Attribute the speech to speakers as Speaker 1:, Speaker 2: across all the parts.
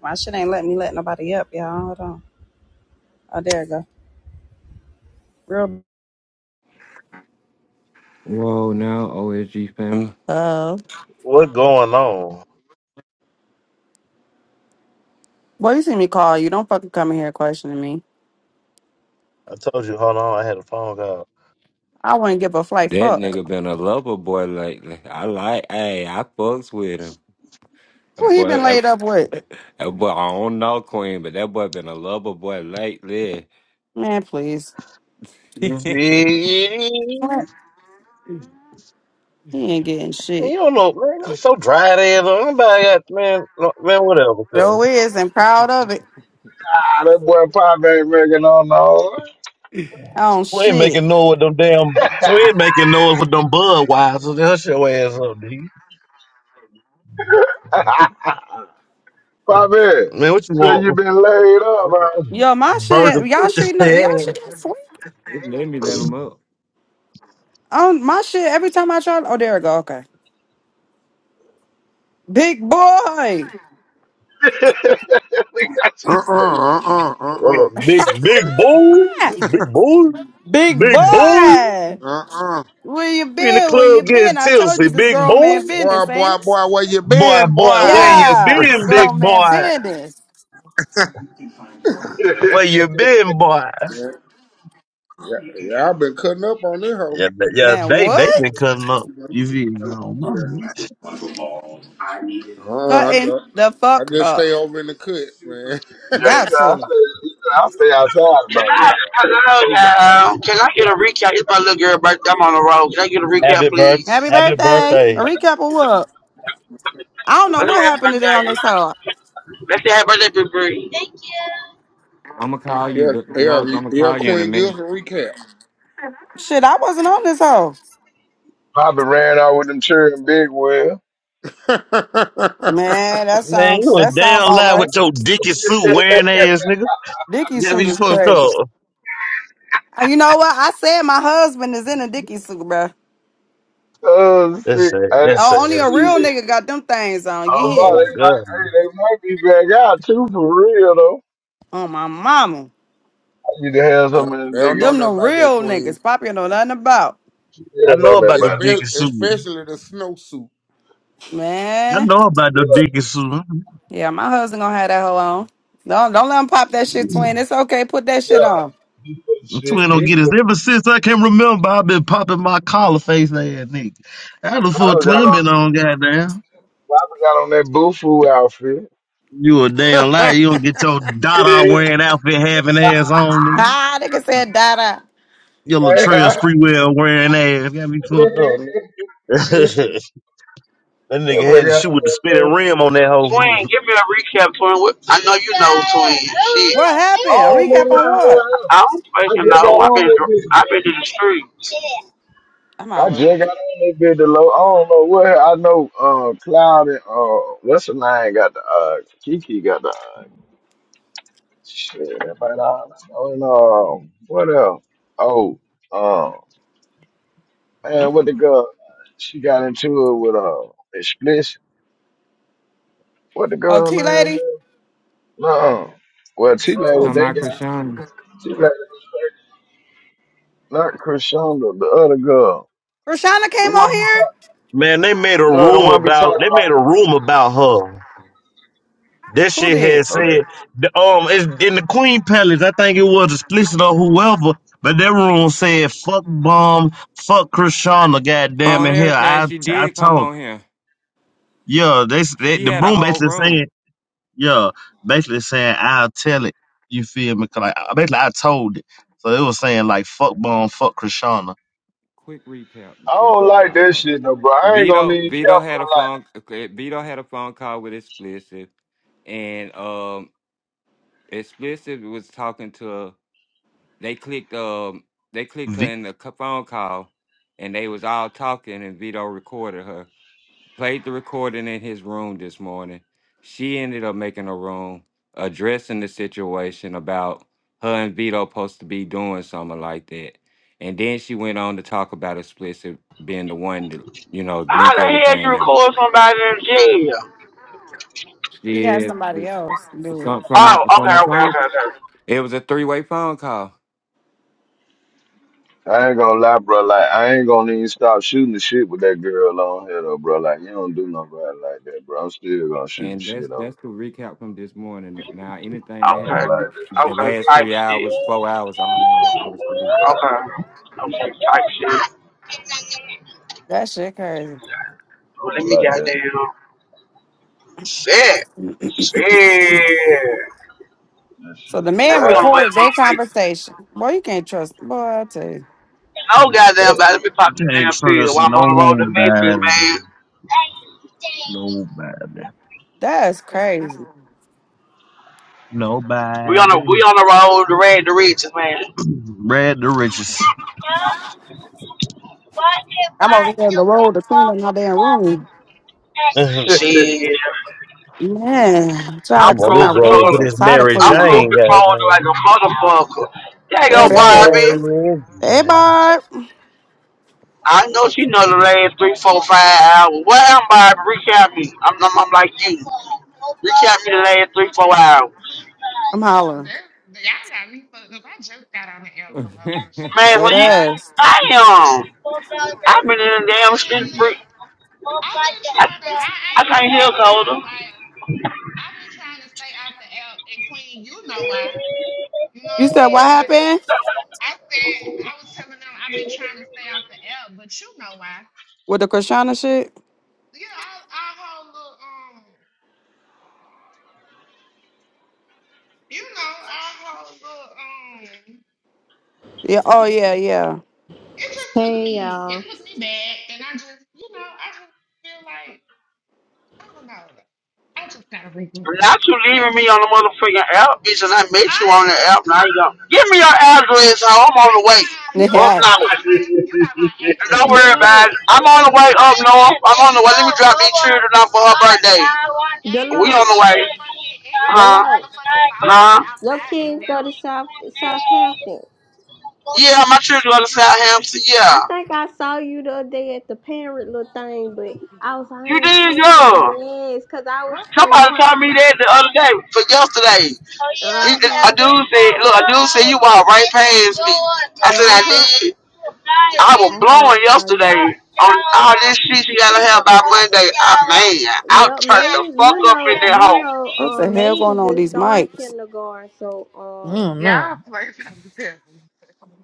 Speaker 1: My shit ain't let me let nobody up, y'all. Hold on. Oh, there it go. Real.
Speaker 2: Whoa, now OSG fam.
Speaker 1: Uh,
Speaker 3: What going on?
Speaker 1: boy, you see me call you. Don't fucking come in here questioning me.
Speaker 3: I told you, hold on, I had a phone call.
Speaker 1: I wouldn't give a
Speaker 2: That
Speaker 1: flight fuck.
Speaker 2: nigga been a lover boy lately. I like, hey, I fucks with him. That
Speaker 1: Who he
Speaker 2: boy,
Speaker 1: been
Speaker 2: that,
Speaker 1: laid up with?
Speaker 2: that boy, I don't know Queen, but that boy been a lover boy lately.
Speaker 1: Man, please.
Speaker 2: Just
Speaker 3: You
Speaker 2: let
Speaker 3: see,
Speaker 1: He ain't getting
Speaker 3: you
Speaker 1: shit.
Speaker 3: don't know, man. I'm so dry there, though. Nobody got, man, no- man, whatever, cuz.
Speaker 1: Joe is and proud of it.
Speaker 4: That boy Pop ain't making on no.
Speaker 1: Oh
Speaker 3: We ain't
Speaker 1: shit.
Speaker 3: making noise with them damn, we ain't making noise with them Budweiser. Hush your ass up, D.
Speaker 4: Pop
Speaker 3: Man, what you
Speaker 4: So you
Speaker 3: want?
Speaker 4: been laid up, huh?
Speaker 1: Yo, my
Speaker 3: Burger.
Speaker 1: shit. Y'all shit. no- Y'all shit not sweet.
Speaker 2: me let him up.
Speaker 1: Um, my shit. Every time I try. Oh, there it go. Okay. Big boy.
Speaker 4: Look how she
Speaker 5: Uh uh
Speaker 4: said it.
Speaker 5: uh uh
Speaker 3: Well,
Speaker 5: uh
Speaker 3: uh, big, big boy, big boy,
Speaker 1: Big
Speaker 3: big boy.
Speaker 1: boy.
Speaker 5: uh uh. uh.
Speaker 1: Where you
Speaker 3: We in the
Speaker 1: been? Where you
Speaker 3: club getting
Speaker 1: been? I told
Speaker 3: tipsy,
Speaker 1: you this
Speaker 3: big
Speaker 1: grown
Speaker 3: boy.
Speaker 1: man
Speaker 5: Boy,
Speaker 1: business, ain't
Speaker 5: boy,
Speaker 1: it?
Speaker 5: boy, where you
Speaker 3: Boy,
Speaker 5: been, boy?
Speaker 3: boy, where
Speaker 5: Yeah,
Speaker 3: you
Speaker 1: Yeah, it's
Speaker 3: been, big
Speaker 1: grown man
Speaker 3: boy?
Speaker 1: business.
Speaker 4: yeah,
Speaker 3: Where you been, boy?
Speaker 5: yeah, yeah, I've been cutting up on this hoe.
Speaker 3: Yeah, they- yeah,
Speaker 1: Man,
Speaker 3: they they
Speaker 1: what?
Speaker 3: been cutting up. You feel me? I don't know.
Speaker 5: Uh, I,
Speaker 1: Cutting
Speaker 5: ju-
Speaker 1: the
Speaker 5: I
Speaker 1: fuck
Speaker 5: just stay
Speaker 1: up.
Speaker 5: over in the cut, man.
Speaker 4: you
Speaker 1: Got
Speaker 4: know, I stay,
Speaker 1: to.
Speaker 4: you know, I stay outside of
Speaker 6: Can
Speaker 4: Birmingham.
Speaker 6: I, hello, y'all. Can I get a recap? It's my little girl birthday. I'm on the road. Can I get a recap,
Speaker 3: Happy birth,
Speaker 6: please?
Speaker 1: Happy
Speaker 3: happy
Speaker 1: birthday. A
Speaker 3: birthday,
Speaker 1: recap of what? I don't know
Speaker 6: Let's say
Speaker 1: what happened today on
Speaker 6: happy
Speaker 1: this hoe.
Speaker 6: birthday. Let's say happy birthday, Big Bree.
Speaker 2: I'ma call you,
Speaker 5: yeah,
Speaker 2: the Roach.
Speaker 5: yeah,
Speaker 2: I'ma
Speaker 5: yeah,
Speaker 2: call you in a
Speaker 5: Queen
Speaker 2: minute.
Speaker 5: gives a recap.
Speaker 1: Shit, I wasn't on this hoe.
Speaker 4: Papa ran out with them cherry big well.
Speaker 1: Man, that
Speaker 3: man!
Speaker 1: sounds
Speaker 3: You a
Speaker 1: that sounds
Speaker 3: damn
Speaker 1: about
Speaker 3: lie with
Speaker 1: right.
Speaker 3: your dicky suit wearing ass, nigga.
Speaker 1: Dicky
Speaker 3: Yeah,
Speaker 1: suit
Speaker 3: you
Speaker 1: is
Speaker 3: fucked
Speaker 1: crazy.
Speaker 3: up.
Speaker 1: Uh, You know what? I said my husband is in a Dicky suit, bruh.
Speaker 4: oh,
Speaker 3: That's
Speaker 4: shit.
Speaker 3: sad.
Speaker 4: I, didn't
Speaker 3: That's sad.
Speaker 1: Oh, only
Speaker 3: as
Speaker 1: a
Speaker 4: see
Speaker 3: fuck.
Speaker 1: real
Speaker 4: it.
Speaker 1: nigga got them things on. You
Speaker 4: Oh, boy,
Speaker 1: hear
Speaker 3: Oh
Speaker 1: me?
Speaker 4: they
Speaker 3: god,
Speaker 4: might, hey, they might be back out, too, for real, though.
Speaker 1: On my mama.
Speaker 4: I need to have
Speaker 5: they
Speaker 4: some of
Speaker 5: don't
Speaker 4: them
Speaker 5: they don't
Speaker 4: niggas.
Speaker 5: know
Speaker 1: Them the
Speaker 5: nothing about that
Speaker 1: real
Speaker 5: Queen,
Speaker 1: niggas. Poppy know nothing about.
Speaker 4: Yeah,
Speaker 3: I know
Speaker 4: know that
Speaker 3: about the
Speaker 4: about
Speaker 3: dicky
Speaker 5: especially,
Speaker 3: suit.
Speaker 5: especially the snowsuit.
Speaker 3: I
Speaker 1: Man.
Speaker 3: know about the
Speaker 4: it.
Speaker 3: dicky suit.
Speaker 1: Yeah, my husband gonna have that hoe on. Don't don't let him pop that shit twin. It's okay, put that
Speaker 4: Yeah,
Speaker 1: shit
Speaker 4: yeah.
Speaker 1: on.
Speaker 4: He full of shit.
Speaker 3: Twin don't
Speaker 4: He
Speaker 3: get
Speaker 4: full
Speaker 3: this. Ever since I can remember, I've been popping my collar face ass nigga. I the fuck
Speaker 4: Lava got
Speaker 3: twin
Speaker 4: on,
Speaker 3: been on goddamn.
Speaker 4: Lava got on that Boofu outfit.
Speaker 3: You a damn liar. You don't get your Dada wearing outfit having ass on, nigga.
Speaker 1: Ha nigga said da.
Speaker 3: Your Latrell Sprewell wearing ass. Got me fucked up, nigga. that nigga
Speaker 4: oh my
Speaker 3: had to
Speaker 4: God.
Speaker 3: shoot with the spinning rim on that hoe.
Speaker 6: Twin, give me a recap, Twin. What- I know you.
Speaker 1: What happened?
Speaker 4: I
Speaker 1: A
Speaker 4: don't
Speaker 1: recap on what?
Speaker 6: I don't
Speaker 4: I
Speaker 6: fucking
Speaker 4: just got
Speaker 6: know. I've been,
Speaker 4: on that
Speaker 6: dr- I've been to the street.
Speaker 1: I'm
Speaker 4: bitch. I
Speaker 1: hollering.
Speaker 4: just got on that bitch to low. I don't know what I know. Uh, Cloud and uh, what's the line got the uh, Kiki got the uh, shit. But uh, and um, what else? Oh, um, man, what the
Speaker 1: Mm-mm.
Speaker 4: girl? She got into it with uh, explicit. What the
Speaker 1: Oh,
Speaker 4: girl
Speaker 1: T
Speaker 4: name?
Speaker 1: lady?
Speaker 4: No. Well, she lady,
Speaker 1: Ooh.
Speaker 2: Talking
Speaker 4: they
Speaker 2: about
Speaker 4: got
Speaker 2: Krishan.
Speaker 4: she lady, not Krishonda, the other girl,
Speaker 1: Krishana
Speaker 4: the
Speaker 1: came on
Speaker 4: one we
Speaker 1: here?
Speaker 4: talk,
Speaker 3: Man, they made a
Speaker 4: no, the
Speaker 3: room
Speaker 4: one we talking
Speaker 3: about they made a room about her. That
Speaker 1: Who
Speaker 3: shit had
Speaker 1: did?
Speaker 4: about. know that.
Speaker 3: said the, um it's in the Queen Palace. I think it was explicit or whoever, but that room said fuck bomb, fuck Krishana, goddamn
Speaker 2: On
Speaker 3: it. Hell,
Speaker 2: everything
Speaker 3: I
Speaker 2: she
Speaker 3: I
Speaker 2: did come on
Speaker 3: talk.
Speaker 2: here.
Speaker 3: Yeah, they, they
Speaker 2: She
Speaker 3: the
Speaker 2: had a
Speaker 3: room
Speaker 2: whole
Speaker 3: basically
Speaker 2: room.
Speaker 3: saying yeah, basically saying I'll tell it. You feel me? 'Cause like I- basically I told it. So it was saying like fuck bomb, fuck Krishana.
Speaker 2: quick recap,
Speaker 4: I
Speaker 2: just
Speaker 4: don't
Speaker 2: so
Speaker 4: like
Speaker 2: y'all
Speaker 4: that
Speaker 2: know.
Speaker 4: shit though, bro. I ain't gonna
Speaker 2: Vito
Speaker 4: even care,
Speaker 2: Vito had a
Speaker 4: bro.
Speaker 2: phone okay, Vito had a phone call with Explicit and um Explicit was talking to they clicked um they clicked her
Speaker 3: V
Speaker 2: in the c- phone call and they was all talking and Vito recorded her played the recording in his room this morning. She ended up making a room addressing the situation about her and Vito supposed to be doing something like that. And then she went on to talk about explicit being the one to, you know,
Speaker 6: How
Speaker 2: link
Speaker 6: the hell you
Speaker 2: everything out.
Speaker 6: record somebody in jail?
Speaker 1: He had
Speaker 2: Yeah.
Speaker 1: somebody else do it.
Speaker 2: From, from, my,
Speaker 6: Oh,
Speaker 2: from
Speaker 6: okay,
Speaker 2: my
Speaker 6: okay,
Speaker 2: phone.
Speaker 6: okay, okay.
Speaker 2: It was a three way phone call.
Speaker 4: Like, I ain't gonna lie, bro. Like, I ain't gonna even stop shooting the shit with that girl on here though, bro. Like, you don't do nobody like that, bro. I'm still gonna shoot the
Speaker 2: And
Speaker 4: shit
Speaker 2: that's
Speaker 4: on.
Speaker 2: that's
Speaker 4: I
Speaker 2: the recap from this morning. Now anything that
Speaker 4: don't
Speaker 6: Okay,
Speaker 2: happened
Speaker 4: like that
Speaker 2: the
Speaker 4: shit.
Speaker 6: okay,
Speaker 2: last
Speaker 6: type
Speaker 2: three
Speaker 6: shit.
Speaker 2: hours, four hours, I don't know. I was
Speaker 4: God,
Speaker 6: Okay, okay, type shit.
Speaker 1: That shit crazy.
Speaker 4: I
Speaker 6: Well, let
Speaker 4: don't
Speaker 6: me
Speaker 4: like that.
Speaker 6: goddamn. Shit. Shit.
Speaker 1: So the
Speaker 6: And
Speaker 1: man
Speaker 6: we on
Speaker 4: That
Speaker 6: the way
Speaker 1: recorded their
Speaker 6: to Memphis.
Speaker 1: conversation. Boy, you can't trust boy, I tell you.
Speaker 6: No goddamn body. Let me pop this
Speaker 3: can't
Speaker 6: damn pill
Speaker 3: trust
Speaker 6: while I'm on the road to Memphis,
Speaker 3: nobody,
Speaker 6: man.
Speaker 3: nobody,
Speaker 1: That's crazy.
Speaker 6: We on the
Speaker 3: nobody.
Speaker 6: we on the road to red the riches, man.
Speaker 3: Brad the richest.
Speaker 1: I'm over here on the road to clean up my damn room.
Speaker 3: I'm
Speaker 4: shit.
Speaker 6: Shit.
Speaker 1: Man, I'm trying
Speaker 6: I'm
Speaker 1: to
Speaker 3: on
Speaker 1: clean
Speaker 3: this
Speaker 1: my
Speaker 6: cruise
Speaker 1: room
Speaker 3: road to
Speaker 1: up.
Speaker 6: control.
Speaker 1: I'm
Speaker 3: this
Speaker 1: tired of
Speaker 3: Mary
Speaker 1: cleaning
Speaker 6: I'm
Speaker 1: my
Speaker 6: cruise
Speaker 3: Jane,
Speaker 1: room.
Speaker 6: controlling like a
Speaker 3: goddamn.
Speaker 6: motherfucker. There go
Speaker 1: That
Speaker 4: God.
Speaker 6: Barbie.
Speaker 1: ass.
Speaker 3: Mary
Speaker 1: Hey,
Speaker 3: Jane.
Speaker 1: Barb.
Speaker 6: I know she know the last three, four, five hours. What am Barbie? Reach out me. I'm, I'm, I'm like you. The
Speaker 7: This
Speaker 6: last
Speaker 7: is
Speaker 6: three,
Speaker 7: my
Speaker 6: four
Speaker 7: first.
Speaker 6: hours.
Speaker 1: I'm hollering.
Speaker 7: That, y'all got me fucked up. I just got on the app the lunch.
Speaker 2: asleep.
Speaker 6: Man, for
Speaker 1: That
Speaker 6: you,
Speaker 1: ass.
Speaker 6: I I've been in the
Speaker 7: I
Speaker 6: damn street
Speaker 7: literally,
Speaker 6: free.
Speaker 7: I've been trying to. I
Speaker 6: I
Speaker 7: ain't gonna
Speaker 6: can't hear
Speaker 7: hold y'all.
Speaker 6: colder.
Speaker 7: Like I've been trying to stay out the app. And Queen, you know why? You know
Speaker 1: You
Speaker 7: what I'm
Speaker 1: said what
Speaker 7: saying? Like
Speaker 1: happened
Speaker 7: I said, I was telling them I've been trying to stay out the app, but you know why?
Speaker 1: with the Krishana shit?
Speaker 7: Yeah, our, our whole little um, you know, our whole little um,
Speaker 1: Yeah. Oh, yeah, yeah.
Speaker 7: it just took
Speaker 8: Hey
Speaker 7: me. It
Speaker 8: y'all.
Speaker 7: took me back, and I just, you know, I just feel like. I don't know. I just gotta regroup this
Speaker 6: Not you
Speaker 7: whole app
Speaker 6: leaving me on
Speaker 7: shit.
Speaker 6: the motherfucking app, bitch, and I met
Speaker 7: I,
Speaker 6: you on the app. Now you going give me your
Speaker 7: bitch,
Speaker 6: address. How I'm on
Speaker 7: first
Speaker 6: the
Speaker 7: of
Speaker 6: way
Speaker 7: all, you
Speaker 6: up
Speaker 7: got
Speaker 1: Yeah.
Speaker 7: my
Speaker 6: now. And
Speaker 7: address. You got my
Speaker 6: don't
Speaker 7: address.
Speaker 6: worry about
Speaker 8: Deloach,
Speaker 6: it. I'm on
Speaker 7: You
Speaker 6: the way up.
Speaker 7: look, and you
Speaker 6: We
Speaker 7: got
Speaker 8: Deloach,
Speaker 7: my motherfucking, and you got my
Speaker 8: Deloach.
Speaker 7: motherfucking phone number
Speaker 6: uh,
Speaker 8: Your
Speaker 7: outside this
Speaker 8: kids go to
Speaker 7: L.
Speaker 8: South Southampton.
Speaker 6: yeah, my children go to Southampton. Yeah,
Speaker 8: I think I saw you the other day at the parent little thing, but I was like, I
Speaker 6: you
Speaker 8: ain't
Speaker 6: did
Speaker 8: sure
Speaker 6: good.
Speaker 8: that yes, cause I was
Speaker 7: What's been
Speaker 8: cause you
Speaker 6: Somebody
Speaker 7: going
Speaker 8: know
Speaker 6: told
Speaker 7: on,
Speaker 6: me that
Speaker 7: y'all?
Speaker 6: the other day for yesterday,
Speaker 8: uh huh uh huh I had
Speaker 6: blowing
Speaker 8: saw
Speaker 6: yesterday.
Speaker 8: you.
Speaker 6: She she got a man out
Speaker 8: Yep,
Speaker 6: church.
Speaker 8: Maze. You know you know
Speaker 1: What the
Speaker 8: um
Speaker 1: hell
Speaker 8: Maze
Speaker 1: going
Speaker 8: is
Speaker 1: on with
Speaker 8: just
Speaker 1: these
Speaker 8: starting
Speaker 1: mics?
Speaker 8: kindergarten, so
Speaker 9: I
Speaker 8: um
Speaker 9: don't
Speaker 7: Y'all
Speaker 9: know.
Speaker 7: play something.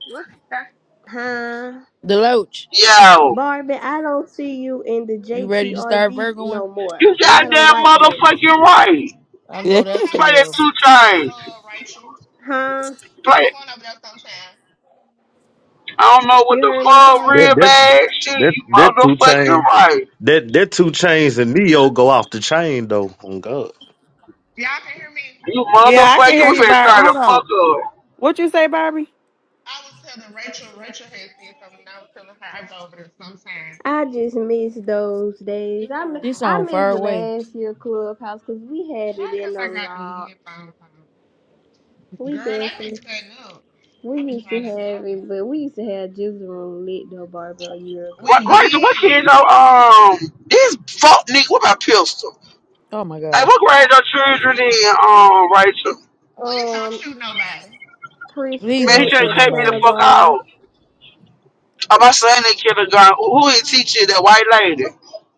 Speaker 7: What's that?
Speaker 8: huh.
Speaker 9: Deloach,
Speaker 6: Yo,
Speaker 8: Barbie, I don't see you in the
Speaker 9: you
Speaker 7: I,
Speaker 9: ready to start
Speaker 8: JTRV
Speaker 9: Virgoing?
Speaker 8: no more,
Speaker 6: you
Speaker 8: and I don't
Speaker 6: goddamn
Speaker 8: like that.
Speaker 6: motherfucking right.
Speaker 7: I
Speaker 9: I
Speaker 7: be
Speaker 1: Yeah.
Speaker 9: know that's
Speaker 7: going
Speaker 9: for
Speaker 7: over
Speaker 6: Play
Speaker 7: there
Speaker 6: that
Speaker 9: real.
Speaker 6: two
Speaker 7: sometime, uh,
Speaker 6: chains.
Speaker 7: Rachel.
Speaker 8: Huh?
Speaker 7: I
Speaker 6: Play.
Speaker 7: be
Speaker 6: it.
Speaker 7: going over there sometime.
Speaker 6: I don't know what
Speaker 8: You
Speaker 6: the
Speaker 7: I
Speaker 8: heard me,
Speaker 7: don't
Speaker 6: fuck,
Speaker 7: know.
Speaker 3: That
Speaker 8: Barbara?
Speaker 6: real
Speaker 3: that
Speaker 6: bad shit.
Speaker 3: that
Speaker 6: You
Speaker 3: that two
Speaker 6: motherfucking
Speaker 3: chain.
Speaker 6: right.
Speaker 3: That that two chains and Neo go off the chain though. On God.
Speaker 7: Y'all can hear me?
Speaker 6: You
Speaker 1: yeah, I can
Speaker 6: motherfucking
Speaker 1: hear
Speaker 6: we
Speaker 1: you,
Speaker 6: finna
Speaker 1: Barb.
Speaker 6: start to
Speaker 1: Hold
Speaker 6: fuck
Speaker 1: on.
Speaker 6: up.
Speaker 1: What you say, Barbie?
Speaker 7: I was telling Rachel, Rachel had said something, and I was telling her I go over there sometime.
Speaker 8: I just miss those days. I, mi-
Speaker 9: She
Speaker 8: I
Speaker 9: sound far
Speaker 8: miss the
Speaker 9: away.
Speaker 8: last year clubhouse because we had it
Speaker 7: How come
Speaker 8: in the
Speaker 7: I got these
Speaker 8: lot.
Speaker 7: headphones on?
Speaker 8: We
Speaker 7: Girl, they been
Speaker 8: definitely
Speaker 7: cutting up.
Speaker 8: we
Speaker 7: I've been
Speaker 8: used to
Speaker 7: trying not to go
Speaker 8: have
Speaker 7: over
Speaker 8: it,
Speaker 7: there.
Speaker 8: but we used to have just room lit though, Barbara, a year
Speaker 7: We
Speaker 6: Right,
Speaker 8: ago.
Speaker 6: right, so what kids
Speaker 7: did.
Speaker 6: are, um, this fuck nigga with my pistol.
Speaker 9: Oh my
Speaker 6: Like,
Speaker 9: god.
Speaker 6: what grade your children in, um, Rachel?
Speaker 7: Please don't
Speaker 8: Um,
Speaker 7: shoot nobody.
Speaker 9: Please
Speaker 6: Man, he
Speaker 9: don't
Speaker 8: preschool
Speaker 6: just
Speaker 9: shoot
Speaker 8: and
Speaker 6: cut me the
Speaker 9: nobody.
Speaker 6: fuck
Speaker 8: kindergarten.
Speaker 6: out. Oh, my son in kindergarten. Who is teaching? That white lady. Okay,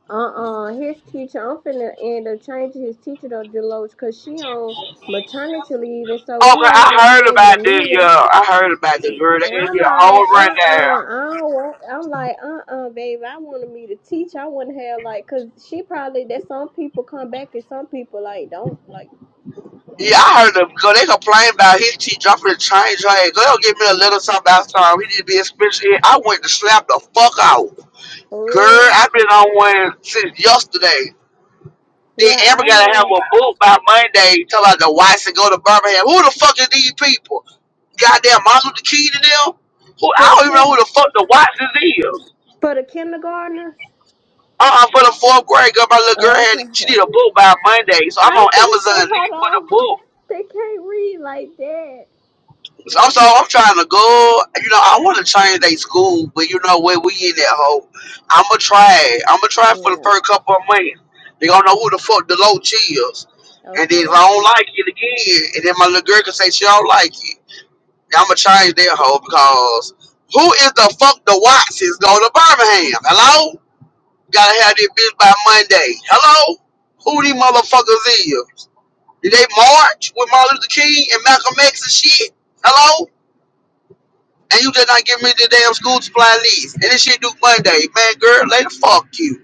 Speaker 8: Uh-uh, his teacher, I'm finna end up changing his teacher though, Deloach, cause she on maternity leave, and so we ain't
Speaker 6: I
Speaker 8: gonna be
Speaker 6: heard
Speaker 8: able
Speaker 6: about
Speaker 8: to
Speaker 6: this,
Speaker 8: meet her.
Speaker 6: yeah. I heard about this girl. They
Speaker 8: And
Speaker 6: gave
Speaker 8: I'm
Speaker 6: me a whole
Speaker 8: like, uh
Speaker 6: rundown.
Speaker 8: uh, I don't want, I'm like, uh uh, babe, I wanted me to teach. I want to have, like, because she probably, that some people come back and some people, like, don't, like,
Speaker 6: Yeah, I heard them go. They complain about his teeth dropping the change. Like, go give me a little something last time. He need to be expensive. I went to slap the fuck out.
Speaker 8: for real.
Speaker 6: Girl, I've been on one since yesterday. Then
Speaker 8: Yeah,
Speaker 6: Amber
Speaker 8: I
Speaker 6: gotta have
Speaker 8: had,
Speaker 6: a book by Monday. Tell about the whites to go to Birmingham. Who the fuck is these people? Goddamn Martin Luther King to them? Who
Speaker 8: for
Speaker 6: I
Speaker 8: the
Speaker 6: don't even
Speaker 8: kid,
Speaker 6: know who the fuck the whites is.
Speaker 8: for the kindergartner.
Speaker 6: Uh-uh, for the fourth grade girl, my little girl
Speaker 8: Oh,
Speaker 6: had
Speaker 8: okay.
Speaker 6: she need
Speaker 8: okay.
Speaker 6: a book by Monday. So I'm
Speaker 8: I
Speaker 6: on
Speaker 8: was gonna say,
Speaker 6: Amazon
Speaker 8: hold
Speaker 6: looking for the
Speaker 8: on,
Speaker 6: book.
Speaker 8: they can't read like that.
Speaker 6: So I'm so I'm trying to go. You know, I want to change they school, but you know where we in that hole. I'ma try. I'ma try for the
Speaker 8: Yeah.
Speaker 6: first couple of months. They gonna know who the fuck the low is, and then if
Speaker 8: Okay.
Speaker 6: I don't like it again, and then my little girl can say she don't like it. then I'ma change that hole because who is the fuck the Watsons going to Birmingham? Hello, gotta have this bitch by Monday. Hello, who these motherfuckers is? Did they march with Martin Luther King and Malcolm X and shit? Hello. And you just not giving me the damn school supply leave. And this shit due Monday. Man, girl, later, fuck you.